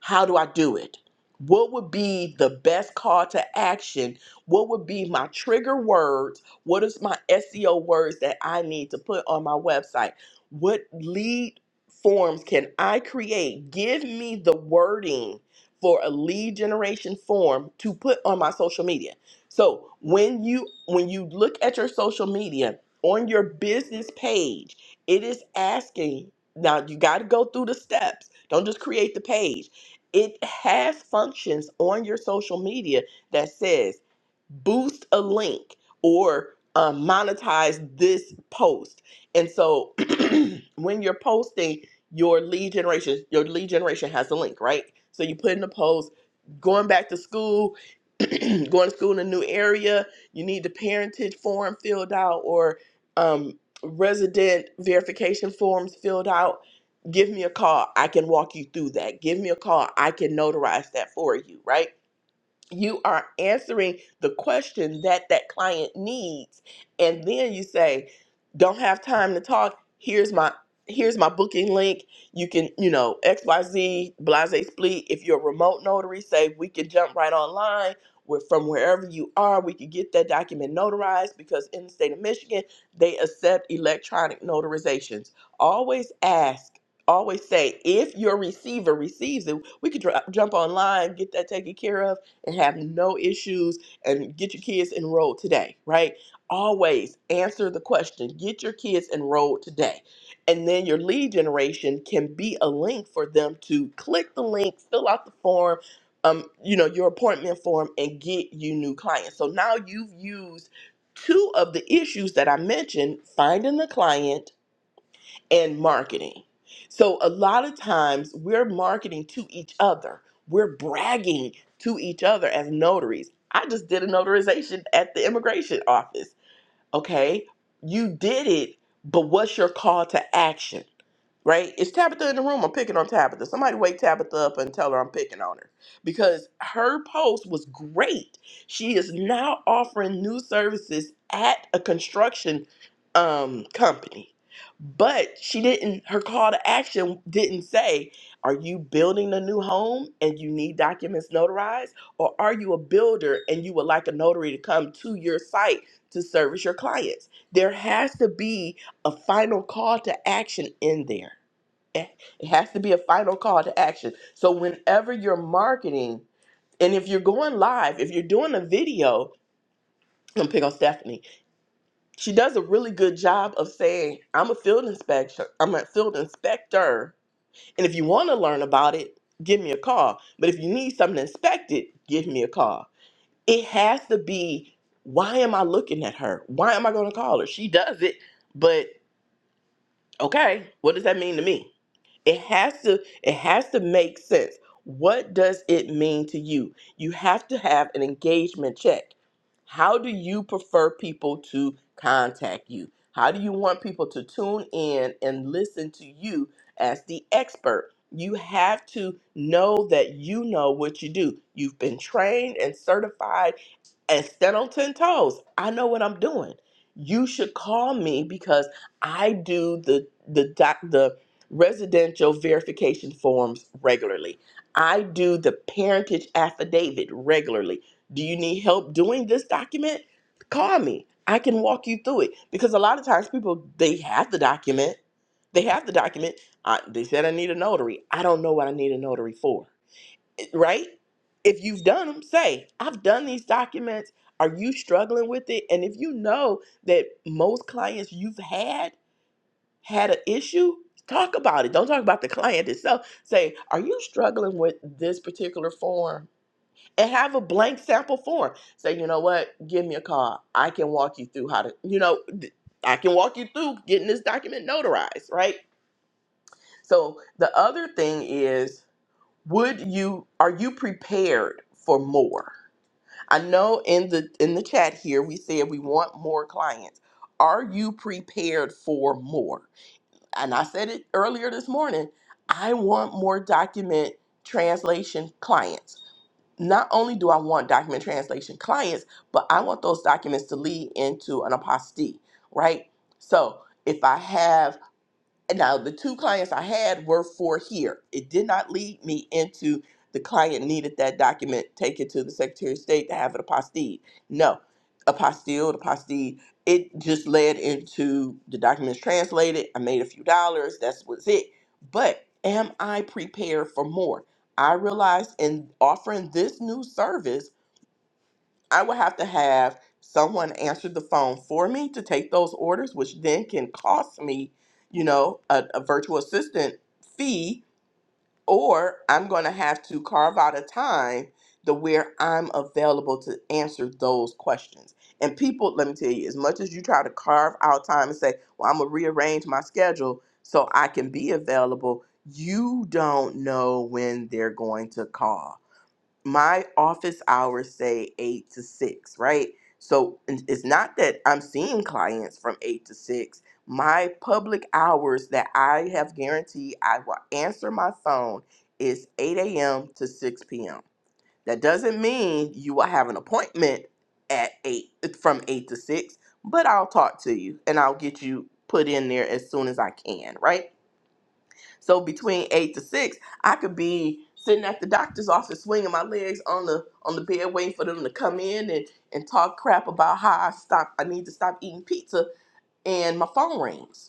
how do I do it? What would be the best call to action? What would be my trigger words? What is my SEO words that I need to put on my website? What lead forms can I create? Give me the wording for a lead generation form to put on my social media. So, when you when you look at your social media on your business page, it is asking now you got to go through the steps. Don't just create the page it has functions on your social media that says boost a link or um, monetize this post. And so when you're posting your lead generation, your lead generation has a link, right? So you put in the post, going back to school, going to school in a new area, you need the parentage form filled out or um, resident verification forms filled out Give me a call. I can walk you through that. Give me a call. I can notarize that for you, right? you are answering the question that that client needs and then you say don't have time to talk here's my here's my booking link you can you know xyz blase split if you're a remote notary say we can jump right online we're from wherever you are we can get that document notarized because in the state of michigan they accept electronic notarizations always ask always say if your receiver receives it we could dr- jump online get that taken care of and have no issues and get your kids enrolled today, right? Always answer the question get your kids enrolled today. And then your lead generation can be a link for them to click the link, fill out the form. Um, you know your appointment form and get you new clients. So now you've used two of the issues that I mentioned: finding the client and marketing. So a lot of times we're marketing to each other. We're bragging to each other as notaries. I just did a notarization at the immigration office. Okay, you did it, but what's your call to action? Right? Is Tabitha in the room? I'm picking on Tabitha. Somebody wake Tabitha up and tell her I'm picking on her because her post was great. She is now offering new services at a construction um, company, but she didn't. Her call to action didn't say, "Are you building a new home and you need documents notarized?" or are you a builder and you would like a notary to come to your site to service your clients. There has to be a final call to action in there. It it has to be a final call to action. So whenever you're marketing, and if you're going live, if you're doing a video, I'm gonna pick on Stephanie. She does a really good job of saying, "I'm a field inspector. I'm a field inspector." And if you want to learn about it, give me a call. But if you need something inspected, give me a call it has to be why am I looking at her? Why am I going to call her? She does it, but okay, what does that mean to me? It has to it has to make sense. What does it mean to you? You have to have an engagement check. How do you prefer people to contact you? How do you want people to tune in and listen to you as the expert? You have to know that you know what you do. You've been trained and certified and stand on 10 toes. I know what I'm doing. You should call me because I do the the doc, the residential verification forms regularly. I do the parentage affidavit regularly. Do you need help doing this document? Call me. I can walk you through it because a lot of times people they have the document. They have the document. I, they said I need a notary. I don't know what I need a notary for right? If you've done them, say, I've done these documents. Are you struggling with it? And if you know that most clients you've had had an issue, talk about it. Don't talk about the client itself. Say, are you struggling with this particular form? And have a blank sample form. Say, you know what? Give me a call. I can walk you through how to, you know, th- I can walk you through getting this document notarized, right? So the other thing is, would you are you prepared for more? I know in the in the chat here we said we want more clients. Are you prepared for more? And I said it earlier this morning, I want more document translation clients. Not only do I want document translation clients, but I want those documents to lead into an apostille, right? So, if I have now the two clients I had were for here. It did not lead me into the client needed that document, take it to the Secretary of State to have it apostilled. No, apostilled, apostille. It just led into the documents translated. I made a few dollars. That's was it. But am I prepared for more? I realized in offering this new service I would have to have someone answer the phone for me to take those orders, which then can cost me, you know, a, a virtual assistant fee, or I'm going to have to carve out a time to where I'm available to answer those questions. And people, let me tell you, as much as you try to carve out time and say, well, I'm going to rearrange my schedule so I can be available, you don't know when they're going to call my office hours say eight to six, right? So it- it's not that I'm seeing clients from eight to six. My public hours that I have guaranteed I will answer my phone is 8 a.m. to 6 p.m. That doesn't mean you will have an appointment at eight from eight to six, but I'll talk to you and I'll get you put in there as soon as I can, right? So between eight to six, I could be sitting at the doctor's office, swinging my legs on the on the bed, waiting for them to come in and and talk crap about how I stop. I need to stop eating pizza, and my phone rings.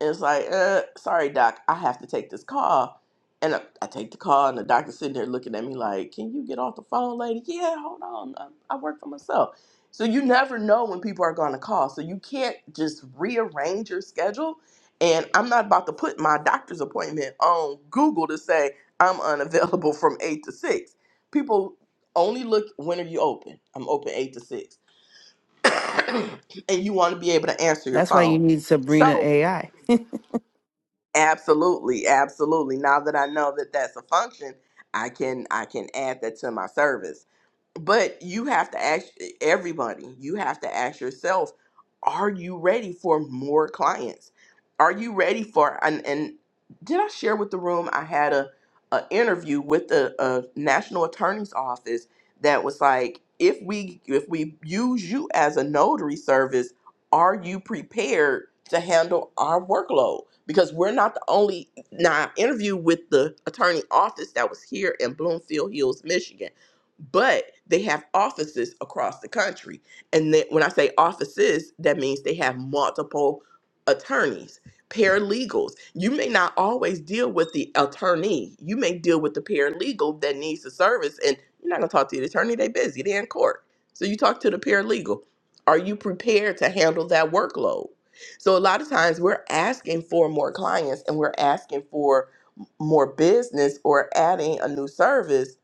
And it's like, uh, sorry, doc, I have to take this call. And I, I take the call, and the doctor's sitting there looking at me like, can you get off the phone, lady? Yeah, hold on. I, I work for myself. So you never know when people are going to call. So you can't just rearrange your schedule. And I'm not about to put my doctor's appointment on Google to say I'm unavailable from 8 to 6. People only look, when are you open? I'm open 8 to 6. and you want to be able to answer your
That's why you
phone.
need Sabrina
So
AI.
Absolutely, absolutely. Now that I know that that's a function, I can I can add that to my service. But you have to ask eh, everybody. You have to ask yourself, are you ready for more clients? Are you ready for and and did I share with the room I had a a interview with the uh, National Attorney's Office that was like if we if we use you as a notary service are you prepared to handle our workload? Because we're not the only. Now, I interviewed with the attorney office that was here in Bloomfield Hills, Michigan, but they have offices across the country. And then when I say offices, that means they have multiple attorneys, paralegals. You may not always deal with the attorney, you may deal with the paralegal that needs the service. And you're not going to talk to the attorney, they're busy, they're in court. So you talk to the paralegal are you prepared to handle that workload? So a lot of times we're asking for more clients and we're asking for m- more business or adding a new service,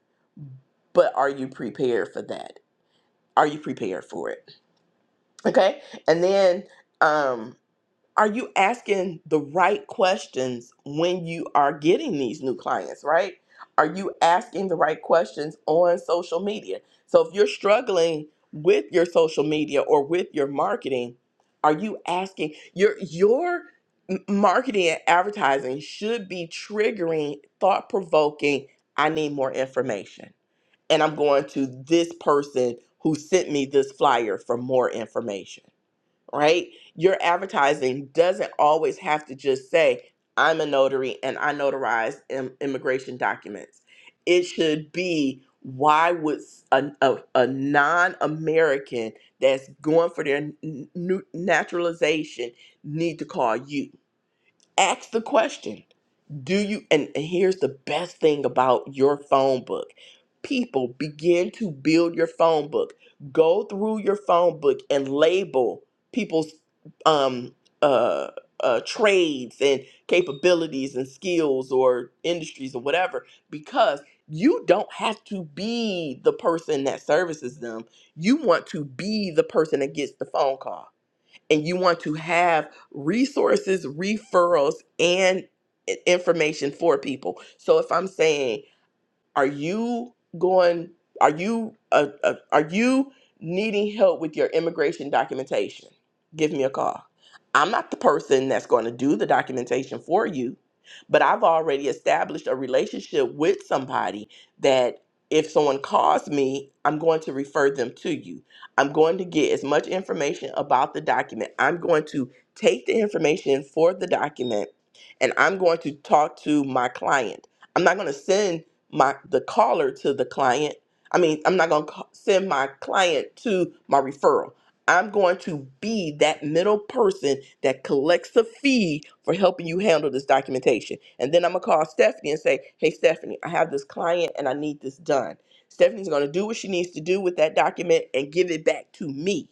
but are you prepared for that? Are you prepared for it? Okay. And then, um, are you asking the right questions when you are getting these new clients, right? Are you asking the right questions on social media? So if you're struggling with your social media or with your marketing, are you asking your your m- marketing and advertising should be triggering thought provoking I need more information and I'm going to this person who sent me this flyer for more information right? Your advertising doesn't always have to just say, I'm a notary and I notarize im- immigration documents. It should be, why would s- a, non American that's going for their n- n- nu- naturalization need to call you? Ask the question do you and and here's the best thing about your phone book people begin to build your phone book go through your phone book and label people's um uh uh, trades and capabilities and skills or industries or whatever because you don't have to be the person that services them you want to be the person that gets the phone call and you want to have resources, referrals, and i- information for people. So if I'm saying are you going? Are you uh, uh, are you needing help with your immigration documentation? Give me a call. I'm not the person that's going to do the documentation for you, but I've already established a relationship with somebody that if someone calls me, I'm going to refer them to you. I'm going to get as much information about the document. I'm going to take the information for the document and I'm going to talk to my client. I'm not going to send my the caller to the client. I mean, I'm not going to send my client to my referral. I'm going to be that middle person that collects the fee for helping you handle this documentation. And then I'm going to call Stephanie and say, "Hey Stephanie, I have this client and I need this done." Stephanie's going to do what she needs to do with that document and give it back to me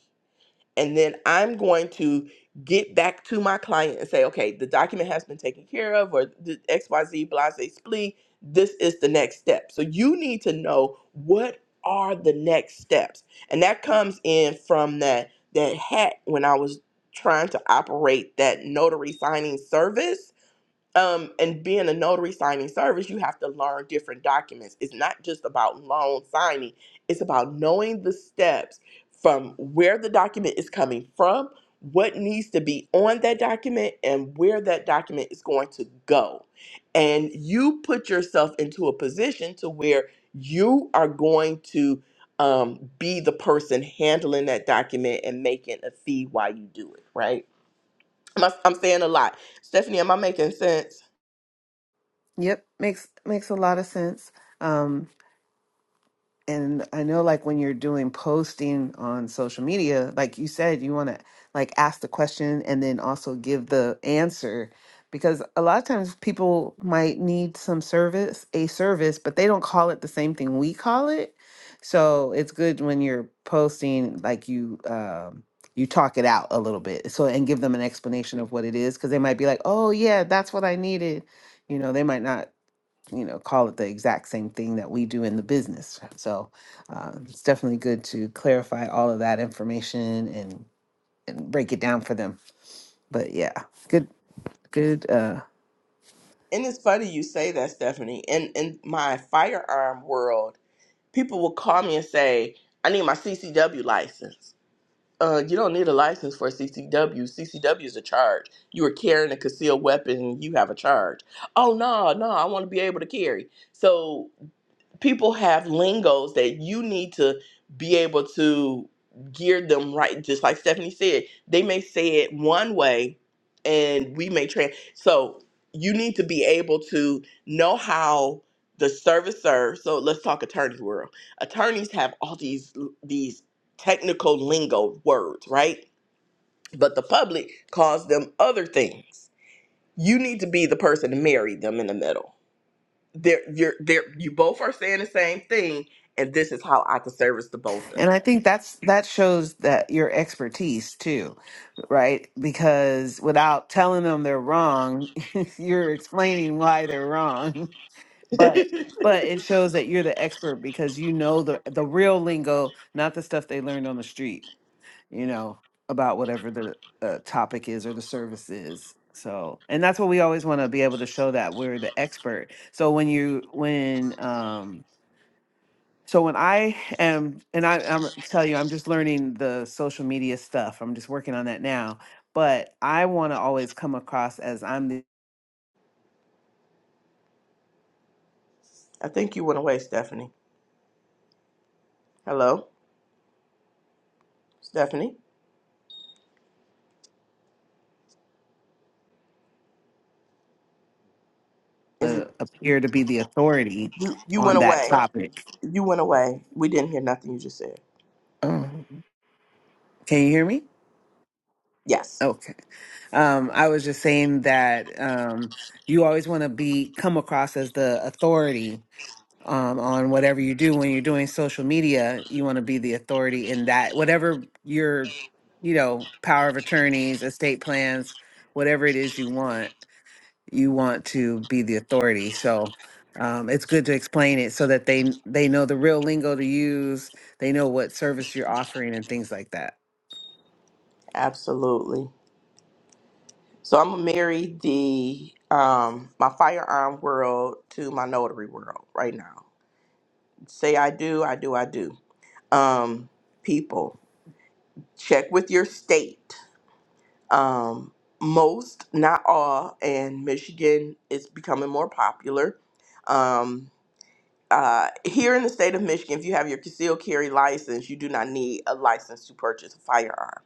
and then I'm going to get back to my client and say, okay, the document has been taken care of, or the XYZ blase splee. This is the next step. So you need to know what are the next steps. And that comes in from that that hat when I was trying to operate that notary signing service um, and being a notary signing service, you have to learn different documents. It's not just about loan signing, it's about knowing the steps from where the document is coming from, what needs to be on that document, and where that document is going to go. And you put yourself into a position to where you are going to um, be the person handling that document and making a fee while you do it, right? Am I- I'm saying a lot. Stephanie, am I making sense?
Yep, makes makes a lot of sense. and I know like when you're doing posting on social media, like you said, you want to like ask the question and then also give the answer because a lot of times people might need some service, a service, but they don't call it the same thing we call it. So it's good when you're posting like you um you talk it out a little bit. So and give them an explanation of what it is because they might be like, "Oh yeah, that's what I needed." You know, they might not you know, call it the exact same thing that we do in the business. So uh, it's definitely good to clarify all of that information and and break it down for them. But yeah, good, good. Uh,
And it's funny you say that, Stephanie. In in my firearm world, people will call me and say, "I need my CCW license." Uh, you don't need a license for a CCW. CCW is a charge. You are carrying a concealed weapon, and you have a charge. Oh no, no, I want to be able to carry. So people have lingos that you need to be able to gear them right just like stephanie said they may say it one way and we may trans so you need to be able to know how the servicer so let's talk attorney world attorneys have all these these technical lingo words right but the public calls them other things you need to be the person to marry them in the middle there, you're there. You both are saying the same thing, and this is how I can service the both of
and I
you.
think that's that shows that your expertise too, right? Because without telling them they're wrong, you're explaining why they're wrong. But but it shows that you're the expert because you know the the real lingo, not the stuff they learned on the street you know, about whatever the uh, topic is or the service is. So, and that's what we always want to be able to show that we're the expert. So when you when um so when I am and I I'm tell you I'm just learning the social media stuff. I'm just working on that now, but I want to always come across as I'm the
I think you went away, Stephanie. Hello, Stephanie. Is
uh,
it
appear to be the authority
you? You
on
went
that
away.
topic.
You went away. We didn't hear nothing you just said.
Oh, can you hear me?
Yes,
Okay. Um, I was just saying that um, you always want to be come across as the authority um, on whatever you do when you're doing social media. You want to be the authority in that whatever your, you know, power of attorneys, estate plans, whatever it is you want, you want to be the authority. So um, it's good to explain it so that they they know the real lingo to use. They know what service you're offering and things like that.
absolutely. So I'm gonna marry the um my firearm world to my notary world right now. Say I do, I do, I do. Um, people, check with your state. um, most, not all, and Michigan is becoming more popular. Um, uh, here in the state of Michigan, if you have your concealed carry license, you do not need a license to purchase a firearm.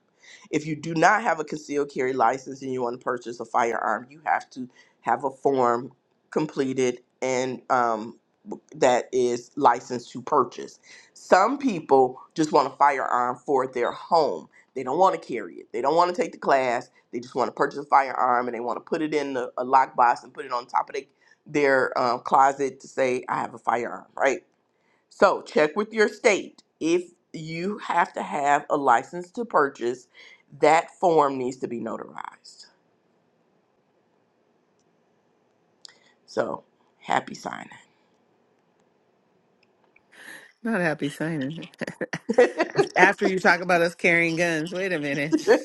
If you do not have a concealed carry license and you want to purchase a firearm, you have to have a form completed and um, that is licensed to purchase. Some people just want a firearm for their home. They don't want to carry it. They don't want to take the class. They just want to purchase a firearm and they want to put it in the, a lockbox and put it on top of they, their um, closet to say, I have a firearm, right? So check with your state. If you have to have a license to purchase, that form needs to be notarized. So happy signing.
Not happy signing. After you talk about us carrying guns, wait a minute.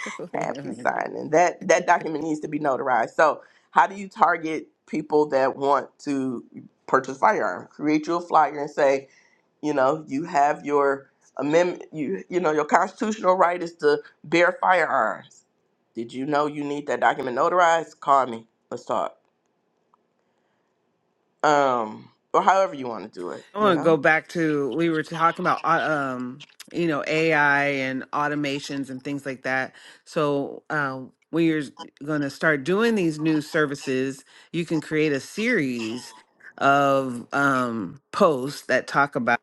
Wait a
Happy
minute.
signing. That that document needs to be notarized. So, how do you target people that want to purchase firearm? Create you a flyer and say, you know, you have your amendment. You you know, your constitutional right is to bear firearms. Did you know you need that document notarized? Call me. Let's talk. Um, or however you want to do it.
I
You
want to go
know,
back to we were talking about uh, um you know AI and automations and things like that. So um, when you're going to start doing these new services, you can create a series of um posts that talk about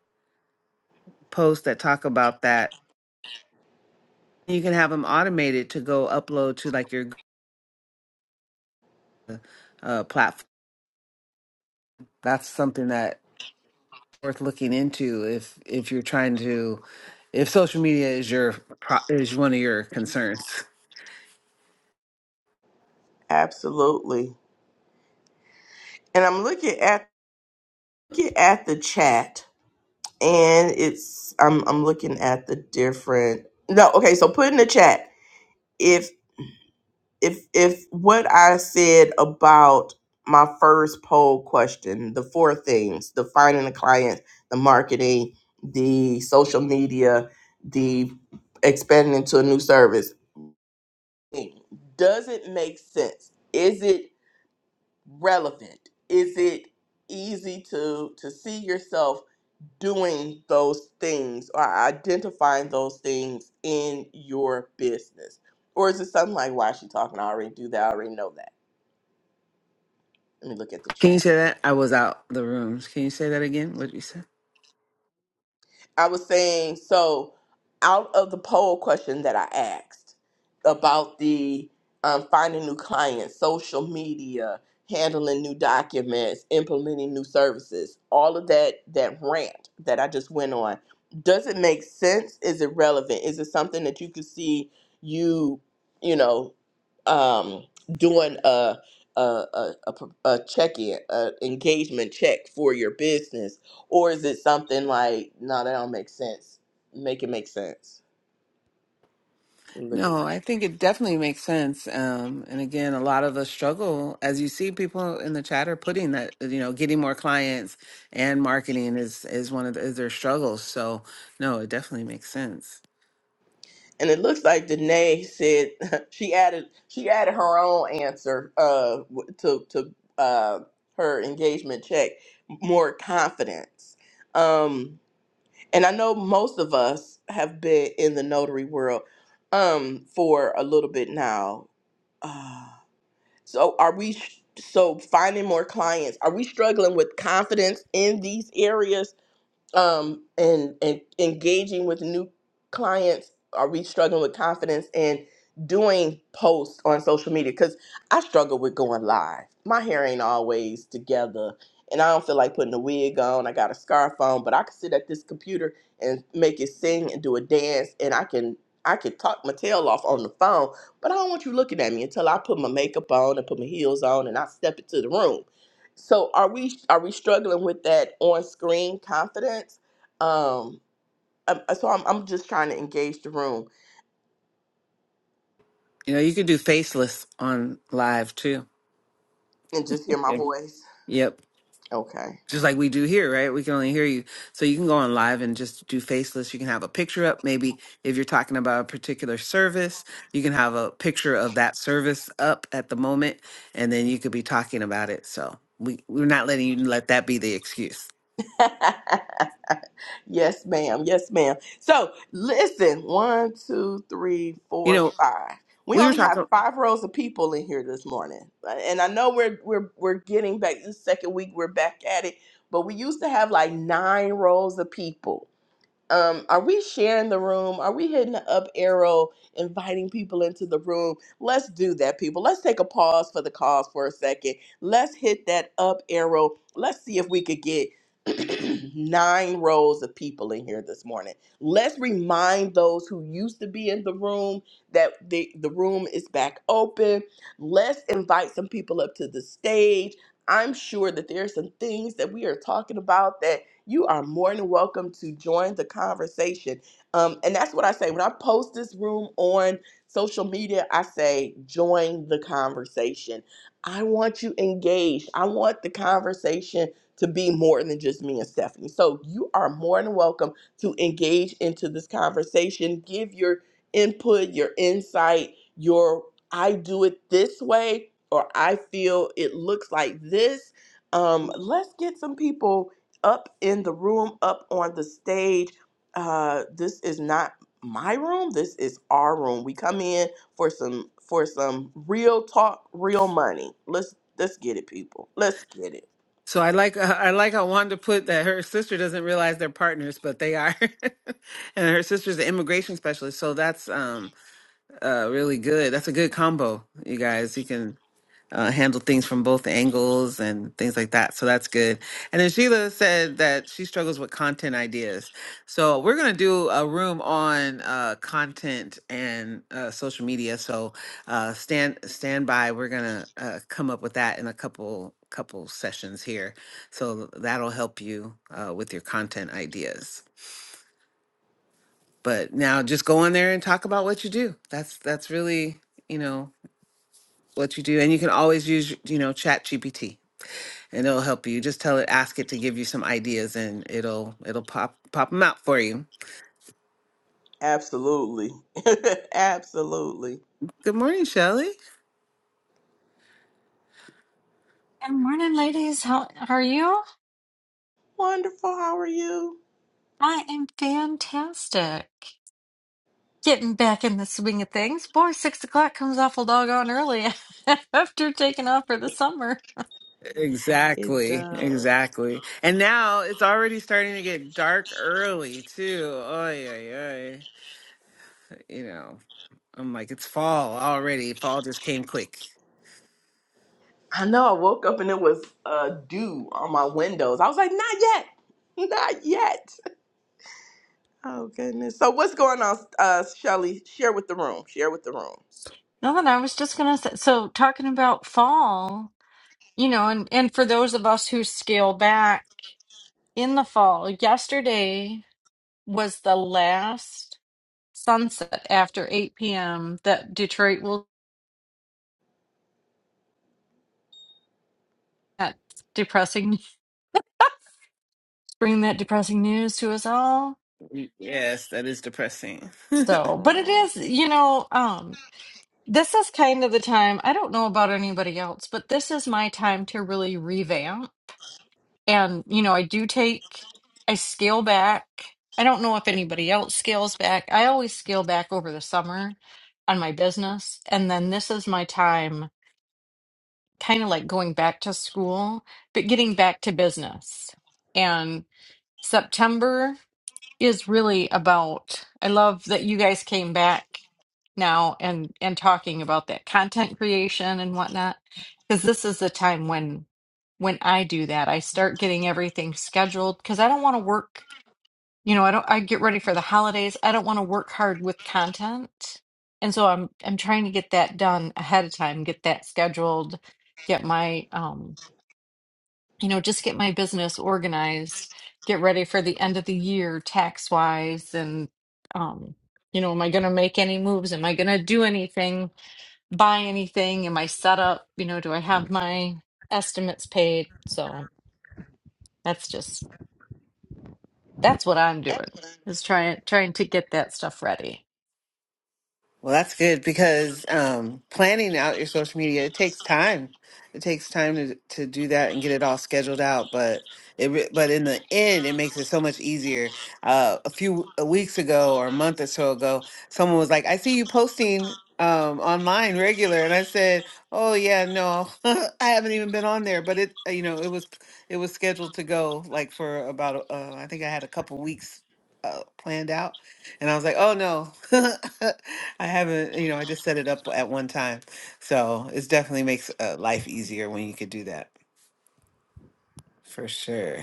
posts that talk about that. You can have them automated to go upload to like your uh, platform. That's something that worth looking into if if you're trying to if social media is your pro is one of your concerns.
absolutely. And I'm looking at looking at the chat and it's I'm I'm looking at the different no okay so put in the chat if if if what I said about my first poll question the four things the finding the client the marketing the social media the expanding into a new service does it make sense is it relevant is it easy to to see yourself doing those things or identifying those things in your business? Or is it something like, why is she talking? I already do that. I already know that. Let me look at the
Can you
chat.
say that? I was out the rooms. Can you say that again? What you said?
I was saying, so out of the poll question that I asked about the um, finding new clients, social media, handling new documents, implementing new services, all of that that rant that I just went on, does it make sense? Is it relevant? Is it something that you could see you, you know, um, doing a a, a, a, a check-in, an engagement check for your business or is it something like, no, that don't make sense? Make it make sense. Look at
No, I think it definitely makes sense. Um, and again, a lot of us struggle, as you see, people in the chat are putting that you know getting more clients and marketing is is one of the, is their struggles. So no, it definitely makes sense.
and it looks like Danae said she added she added her own answer uh w- to to uh her engagement check more confidence. Um and I know most of us have been in the notary world um for a little bit now. Uh, so are we so finding more clients? Are we struggling with confidence in these areas? um, and and engaging with new clients? Are we struggling with confidence and doing posts on social media? Because I struggle with going live. My hair ain't always together, and I don't feel like putting a wig on. I got a scarf on, but I can sit at this computer and make it sing and do a dance, and I can I can talk my tail off on the phone. But I don't want you looking at me until I put my makeup on and put my heels on and I step into the room. So are we are we struggling with that on screen confidence? Um, um, so I'm I'm just trying to engage the room
You know, you could do faceless on live too.
and just hear my
Yep.
voice.
Yep.
Okay.
just like we do here, right? We can only hear you. So you can go on live and just do faceless. You can have a picture up. Maybe if you're talking about a particular service, you can have a picture of that service up at the moment, and then you could be talking about it. So we, we're not letting you let that be the excuse.
yes, ma'am. Yes, ma'am. So listen, one, two, three,
You
four,
know,
five. We
we were
only have
talking.
five rows of people in here this morning, Uh, and I know we're we're we're getting back. This second week we're back at it, but we used to have like nine rows of people um, are we sharing the room? Are we hitting the up arrow, inviting people into the room? Let's do that, people. Let's take a pause for the cause for a second. Let's hit that up arrow. Let's see if we could get nine rows of people in here this morning. Let's remind those who used to be in the room that the, the room is back open. Let's invite some people up to the stage. I'm sure that there are some things that we are talking about that you are more than welcome to join the conversation. Um, and that's what I say when I post this room on social media, I say, join the conversation. I want you engaged. I want the conversation to be more than just me and Stephanie. So you are more than welcome to engage into this conversation, give your input, your insight, your I do it this way or I feel it looks like this. Um, let's get some people up in the room, up on the stage. Uh, this is not my room. This is our room. We come in for some for some real talk, real money. Let's let's get it, people. Let's get it.
So I like I like how Wanda put that her sister doesn't realize they're partners, but they are, and her sister's an immigration specialist. So that's um uh really good. That's a good combo, you guys. You can uh, handle things from both angles and things like that. So that's good. And then Sheila said that she struggles with content ideas. So we're going to do a room on uh, content and uh, social media. So uh, stand stand by. We're going to uh, come up with that in a couple couple sessions here. So that'll help you uh, with your content ideas. But now just go on there and talk about what you do. That's that's really, you know, what you do and you can always use, you know, chat GPT and it'll help you. Just tell it, ask it to give you some ideas, and it'll it'll pop pop them out for you.
Absolutely, absolutely.
Good morning, Shelley.
Good morning, ladies. How are you?
Wonderful. How are you?
I am fantastic. Getting back in the swing of things. Boy, six o'clock comes awful doggone early after taking off for the summer.
It
Exactly,
does.
exactly. And now it's already starting to get dark early too. Oy, oy, oy. You know, I'm like, it's fall already. Fall just came quick.
I know. I woke up and it was uh, dew on my windows. I was like, not yet, not yet. Oh goodness. So what's going on, uh, Shelly? Share with the room. Share with the
Nothing, I was just gonna say, so talking about fall, you know, and, and for those of us who scale back in the fall, yesterday was the last sunset after 8 p.m. that Detroit will, that depressing, bring that depressing news to us all.
Yes, that is depressing.
So, but it
room.
is, you know, um, this is kind of the time, I don't know about anybody else, but this is my time to really revamp. And, you know, I do take, I scale back. I don't know if anybody else scales back. I always scale back over the summer on my business. And then this is my time, kind of like going back to school, but getting back to business. And September is really about i love that you guys came back now and and talking about that content creation and whatnot because this is the time when when i do that i start getting everything scheduled because i don't want to work you know i don't i get ready for the holidays i don't want to work hard with content and so i'm i'm trying to get that done ahead of time get that scheduled get my um you know, just get my business organized, get ready for the end of the year tax wise. And, um, you know, am I going to make any moves? Am I going to do anything, buy anything? Am I set up? You know, do I have my estimates paid? So that's just, that's what I'm doing is trying, trying to get that stuff ready.
Well, that's good because um, planning out your social media it takes time. It takes time to to do that and get it all scheduled out. But it re- but in the end, it makes it so much easier. Uh, a few weeks ago or a month or so ago, someone was like, "I see you posting." Um, online regular and I said, "Oh yeah, no, I haven't even been on there." But it, uh, you know, it was it was scheduled to go like for about uh, I think I had a couple weeks uh, planned out, and I was like, oh no, I haven't, you know, I just set it up at one time. So it definitely makes uh, life easier when you could do that for sure.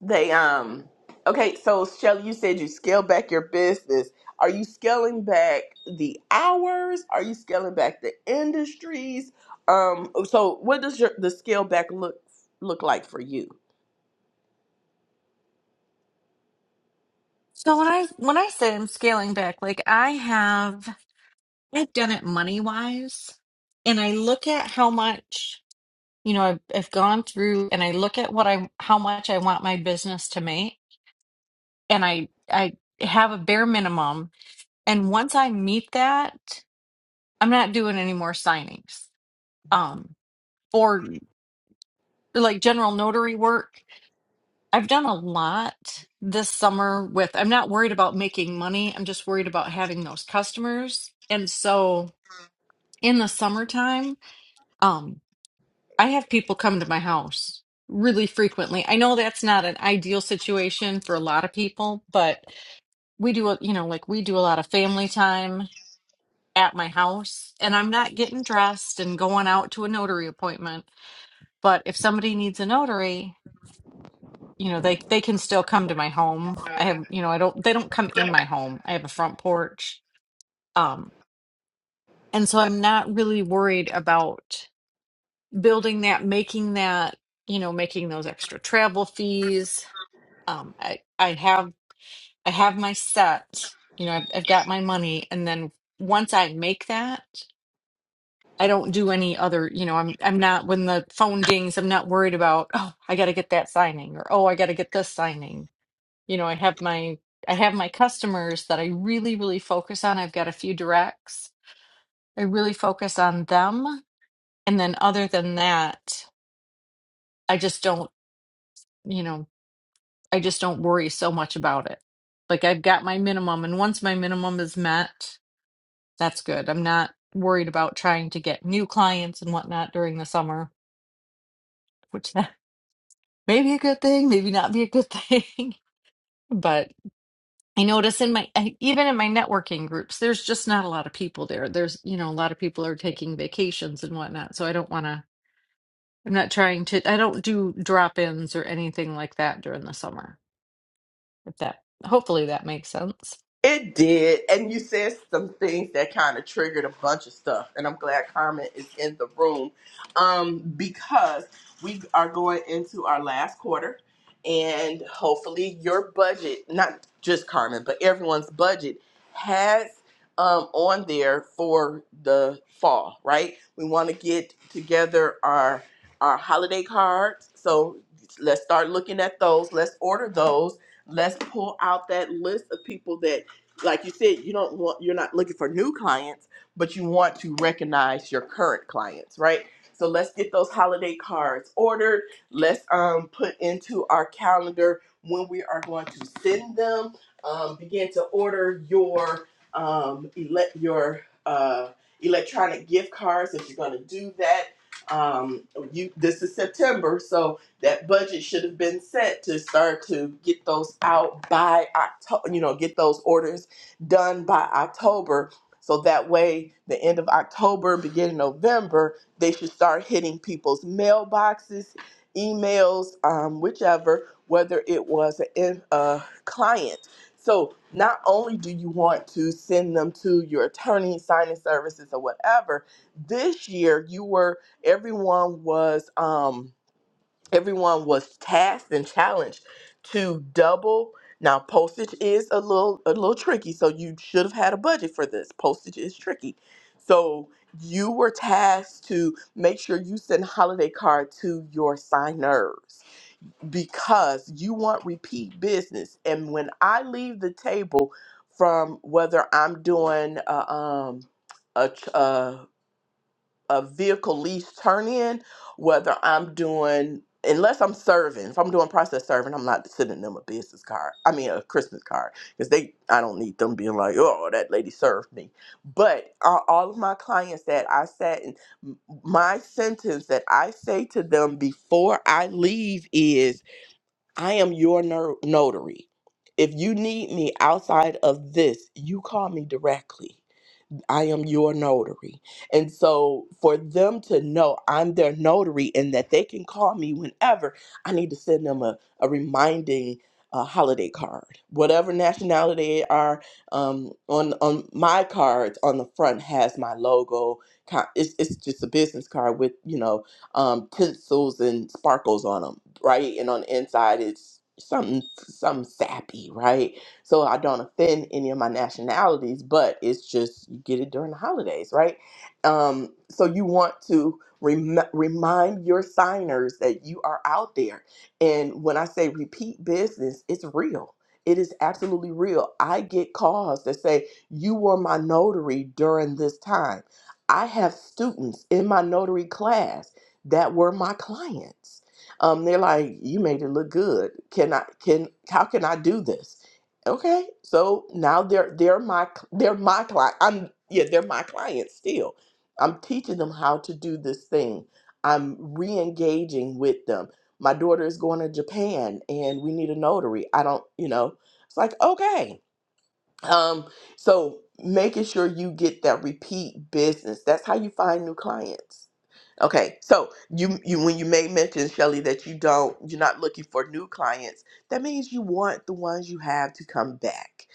They um okay, so Shelly, you said you scale back your business. Are you scaling back the hours? Are you scaling back the industries? Um so what does your the scale back look look like for you?
So when I, when I say I'm scaling back, like I have, I've done it money wise and I look at how much. you know I've, I've gone through and i look at what i how much i want my business to make and i i have a bare minimum and once i meet that i'm not doing any more signings um or like general notary work i've done a lot this summer with i'm not worried about making money i'm just worried about having those customers and so in the summertime um, I have people come to my house really frequently. I know that's not an ideal situation for a lot of people, but we do, a- you know, like we do a lot of family time at my house, and I'm not getting dressed and going out to a notary appointment. But if somebody needs a notary, you know, they they can still come to my home. I have, you know, I don't they don't come in my home. I have a front porch. Um, and so I'm not really worried about building that, making that you know, making those extra travel fees um i i have i have my set you know I've, I've got my money and then once i make that i don't do any other you know i'm i'm not when the phone dings i'm not worried about oh i got to get that signing or oh i got to get this signing you know i have my i have my customers that i really really focus on i've got a few directs i really focus on them and then other than that i just don't You know. I just don't worry so much about it. Like I've got my minimum, and once my minimum is met, that's good. I'm not worried about trying to get new clients and whatnot during the summer, which that may be a good thing, maybe not be a good thing. But I notice in my I- even in my networking groups, there's just not a lot of people there. There's, you know, a lot of people are taking vacations and whatnot. So I don't want to, I'm not trying to, I don't do drop ins or anything like that during the summer. If that, hopefully that makes sense.
It did. And you said some things that kind of triggered a bunch of stuff. And I'm glad Carmen is in the room um, because we are going into our last quarter. And hopefully, your budget, not just Carmen, but everyone's budget, has um, on there for the fall, right? We want to get together our our holiday cards. So let's start looking at those. Let's order those let's pull out that list of people that like you said, you don't want you're not looking for new clients, but you want to recognize your current clients, right? So let's get those holiday cards ordered. Let's um, put into our calendar when we are going to send them. Um, begin to order your um, ele- your uh, electronic gift cards if you're going to do that. Um, you this is September, so that budget should have been set to start to get those out by October. You know, get those orders done by October. So that way, the end of October, beginning November, they should start hitting people's mailboxes, emails, um, whichever, whether it was a, in- a client. So not only do you want to send them to your attorney, signing services, or whatever, this year you were, everyone was. Um, everyone was tasked and challenged to double now postage is a little a little tricky so you should have had a budget for this postage is tricky so you were tasked to make sure you send a holiday card to your signers because you want repeat business and when i leave the table from whether i'm doing a um, a, ch- uh a vehicle lease turn in, whether I'm doing unless I'm serving. If I'm doing process serving, I'm not sending them a business card. I mean a Christmas card because they I don't need them being like, oh, that lady served me. But uh, all of my clients that I sat in, m- my sentence that I say to them before I leave is, I am your no- notary. If you need me outside of this, you call me directly I am your notary. And so for them to know I'm their notary and that they can call me whenever, I need to send them a, a reminding uh, holiday card. Whatever nationality they are, um, on on my cards on the front has my logo. ki- It's, it's just a business card with, you know, um, pencils and sparkles on them, right? And on the inside, it's something, something sappy, right? so I don't offend any of my nationalities, but it's just you get it during the holidays, right? Um, so you want to rem- remind your signers that you are out there. And when I say repeat business, it's real. It is absolutely real. I get calls that say, You were my notary during this time. I have students in my notary class that were my clients. Um, they're like, You made it look good. Can I, can, how can I do this? Okay, so now they're they're my cl- they're my client. I'm yeah, they're my clients still. I'm teaching them how to do this thing. I'm re-engaging with them. My daughter is going to Japan and we need a notary. I don't, you know. It's like, okay. Um, so making sure you get that repeat business. That's how you find new clients. Okay, so you you when you made mention, Shelly, that you don't you're not looking for new clients, that means you want the ones you have to come back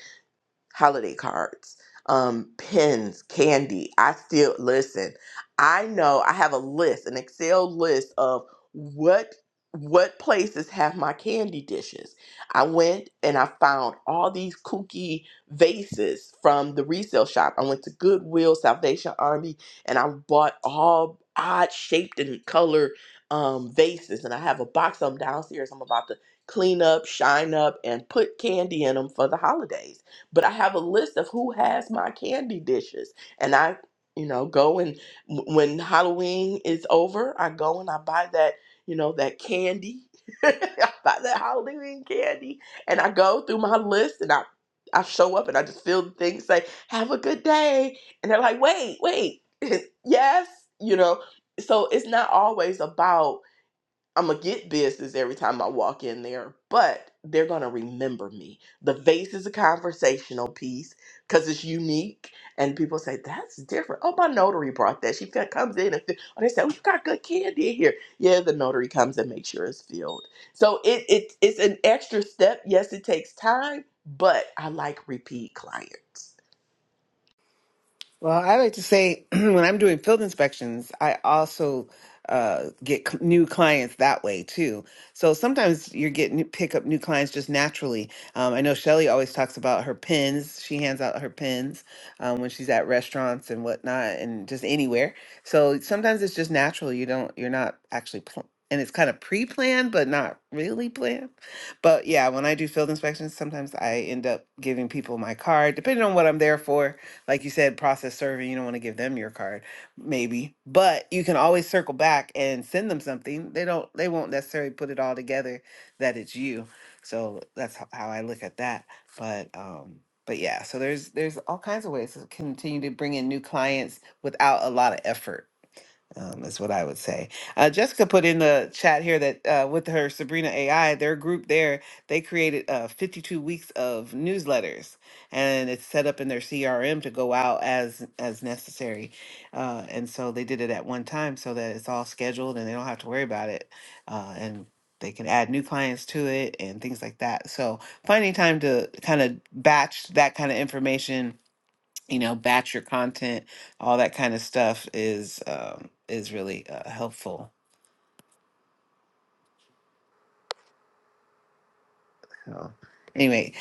holiday cards, um, pens, candy. I still listen. I know I have a list, an Excel list of what what places have my candy dishes. I went and I found all these kooky vases from the resale shop. I went to Goodwill, Salvation Army, and I bought all odd shaped and color um, vases. And I have a box of them downstairs. I'm about to clean up, shine up, and put candy in them for the holidays but I have a list of who has my candy dishes. And I, you know, go and w- when Halloween is over, I go and I buy that, you know, that candy. I buy that Halloween candy and I go through my list and I I show up and I just feel the thing say, have a good day. And they're like, wait, wait, yes, you know. So it's not always about I'm gonna get business every time I walk in there, but they're gonna remember me. The vase is a conversational piece because it's unique, and people say that's different. Oh, my notary brought that. She fe- comes in and fi- oh, they say, "Oh, you got good candy in here." Yeah, the notary comes and makes sure it's filled. So it it it's an extra step. Yes, it takes time, but I like repeat clients.
Well, I like to say when I'm doing field inspections, I also uh, get c- new clients that way too. So sometimes you're getting pick up new clients just naturally. Um, I know Shelly always talks about her pins. She hands out her pins um, when she's at restaurants and whatnot, and just anywhere. So sometimes it's just natural. You don't. You're not actually. Pl- and it's kind of pre-planned, but not really planned. But yeah, when I do field inspections, sometimes I end up giving people my card, depending on what I'm there for like you said, process serving, you don't want to give them your card, maybe. But you can always circle back and send them something. They don't they won't necessarily put it all together that it's you. So that's ho- how I look at that. But um but yeah, so there's there's all kinds of ways to continue to bring in new clients without a lot of effort um, is what I would say. Uh, Jessica put in the chat here that uh, with her Sabrina AI, their group there, they created uh, 52 weeks of newsletters, and it's set up in their CRM to go out as as necessary. Uh, and so they did it at one time so that it's all scheduled and they don't have to worry about it. Uh, and they can add new clients to it and things like that. So finding time to kind of batch that kind of information you know batch your content all that kind of stuff is um is really uh, helpful so anyway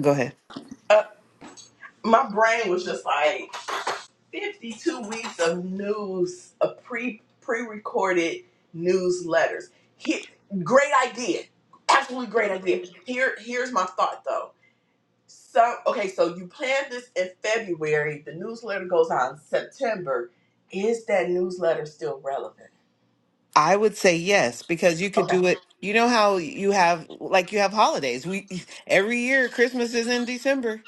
go ahead
Uh, my brain was just like. 52 weeks of news, of pre pre recorded newsletters. Here, great idea, absolutely great idea. Here, here's my thought though. So, okay, so you plan this in February. The newsletter goes out in September. Is that newsletter still relevant?
i would say yes because you could
Okay,
do it you know how you have like you have holidays we every year christmas is in december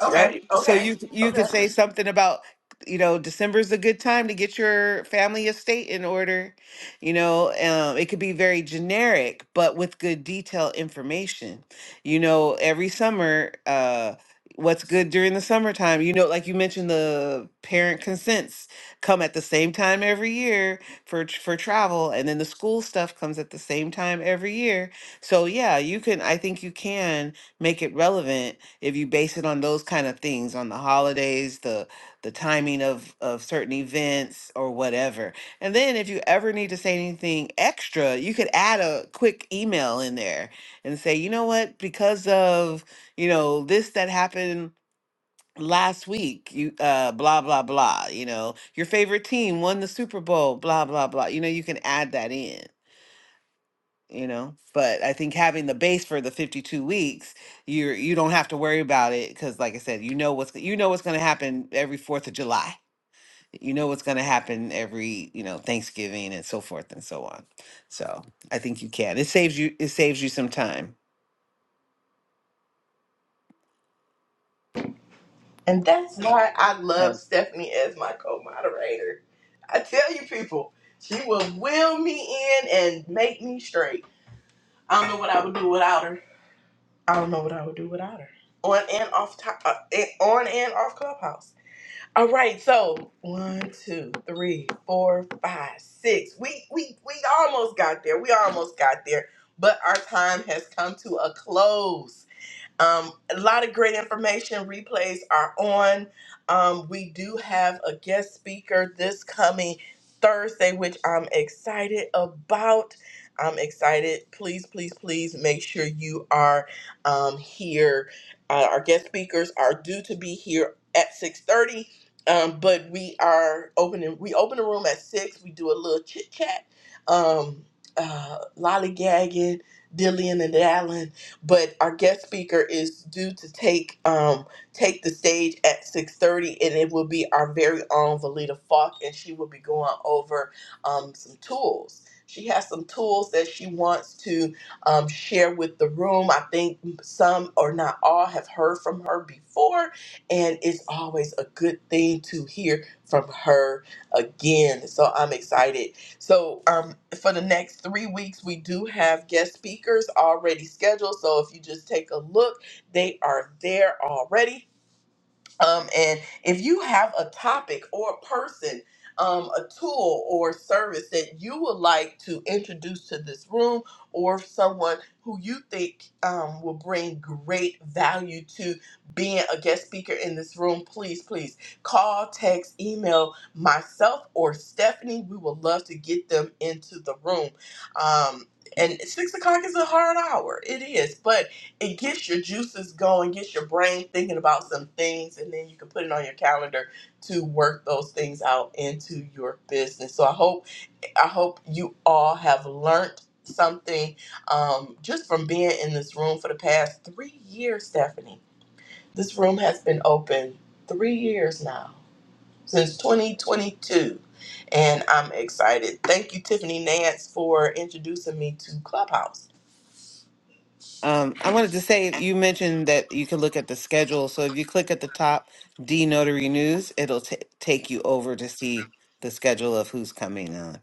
okay,
right? So
okay,
you you
okay.
could say something about, you know, December's a good time to get your family estate in order. You know, um, it could be very generic, but with good detailed information. You know, every summer, uh, what's good during the summertime? You know, like you mentioned, the parent consents come at the same time every year for tr- for travel, and then the school stuff comes at the same time every year. So yeah, you can. I think you can make it relevant if you base it on those kind of things on the holidays the the timing of of certain events or whatever and then if you ever need to say anything extra you could add a quick email in there and say you know what because of you know this that happened last week you uh blah blah blah you know your favorite team won the super bowl blah blah blah you know you can add that in you know but i think having the base for the 52 weeks you're you don't have to worry about it because like i said you know what's you know what's going to happen every fourth of july you know what's going to happen every you know thanksgiving and so forth and so on so i think you can it saves you it saves you some time
And that's why I
Yeah.
love Stephanie as my co-moderator. I tell you, people, she will will me in and make me straight. I don't know what I would do without her. I don't know what I would do without her. On and off, to- uh, eh, on and off Clubhouse. All right, so one, two, three, four, five, six. We we we almost got there. We almost got there, but our time has come to a close. Um, a lot of great information. Replays are on. Um, we do have a guest speaker this coming Thursday, which I'm excited about. I'm excited. Please, please, please make sure you are um, here. Uh, our guest speakers are due to be here at 6:30, um, but we are opening. We open the room at six. We do a little chit chat, um, uh, lollygagging, dilly and dallying but our guest speaker is due to take um take the stage at 6:30 and it will be our very own Valita Falk and she will be going over um some tools. She has some tools that she wants to um, share with the room. I think some or not all have heard from her before, and it's always a good thing to hear from her again. So I'm excited so um, for the next three weeks, we do have guest speakers already scheduled. So if you just take a look, they are there already. Um, and if you have a topic or a person, um, a tool or service that you would like to introduce to this room, or someone who you think um, will bring great value to being a guest speaker in this room, please, please call, text, email myself or Stephanie. We would love to get them into the room. Um, and six o'clock is a hard hour. It is, but it gets your juices going, gets your brain thinking about some things, and then you can put it on your calendar to work those things out into your business. So I hope I hope you all have learned something um, just from being in this room for the past three years, Stephanie. This room has been open three years now since 2022. And I'm excited. Thank you, Tiffany Nance, for introducing me to Clubhouse.
um, i wanted to say you mentioned that you can look at the schedule so if you click at the top d notary news it'll ta take you over to see the schedule of who's coming on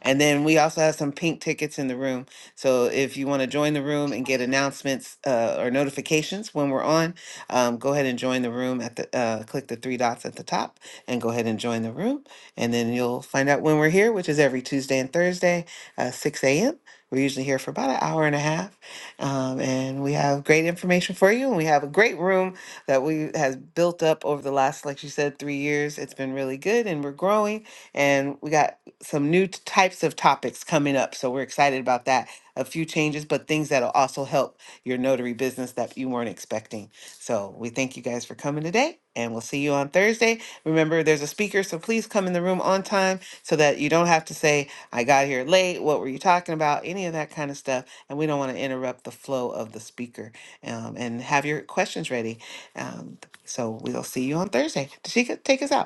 And then we also have some pink tickets in the room. So if you want to join the room and get announcements uh, or notifications when we're on, um, go ahead and join the room at the uh, click the three dots at the top and go ahead and join the room. And then you'll find out when we're here, which is every Tuesday and Thursday, uh, 6 a.m. We're usually here for about an hour and a half, um, and we have great information for you. And we have a great room that we has built up over the last, like you said, three years. It's been really good, and we're growing and we got some new t- types of topics coming up. So we're excited about that. A few changes, but things that'll also help your notary business that you weren't expecting. So we thank you guys for coming today and we'll see you on Thursday. Remember, there's a speaker, so please come in the room on time so that you don't have to say, I got here late. What were you talking about? Any of that kind of stuff. And we don't want to interrupt the flow of the speaker. Um, and have your questions ready. Um, so we'll see you on Thursday. Tashika, take us out.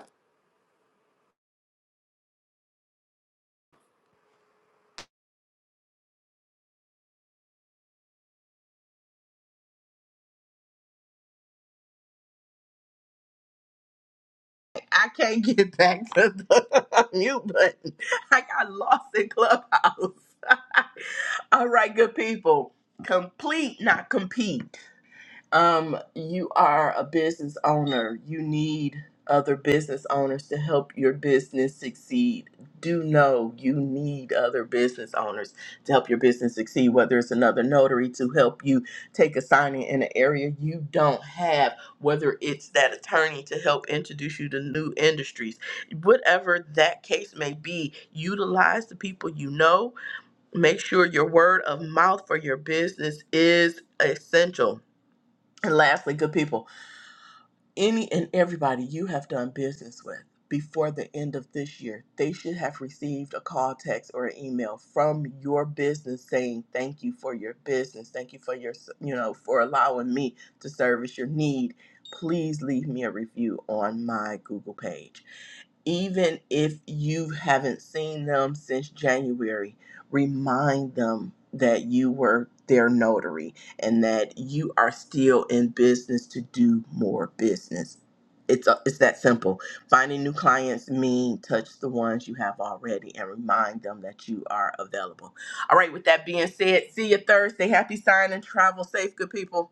I can't get back to the mute button. I got lost in Clubhouse. All right, good people. Complete, not compete um, you are a business owner. You need other business owners to help your business succeed. Do know you need other business owners to help your business succeed, whether it's another notary to help you take a signing in an area you don't have, whether it's that attorney to help introduce you to new industries, whatever that case may be, utilize the people you know. Make sure your word of mouth for your business is essential and lastly, good people, any and everybody you have done business with before the end of this year, they should have received a call, text, or an email from your business saying, Thank you for your business. Thank you for your, you know, for allowing me to service your need. Please leave me a review on my Google page even if you haven't seen them since January, remind them that you were their notary and that you are still in business to do more business. It's, a, it's that simple. Finding new clients mean touch the ones you have already and remind them that you are available. All right, with that being said, see you Thursday. Happy signing. Travel safe, good people.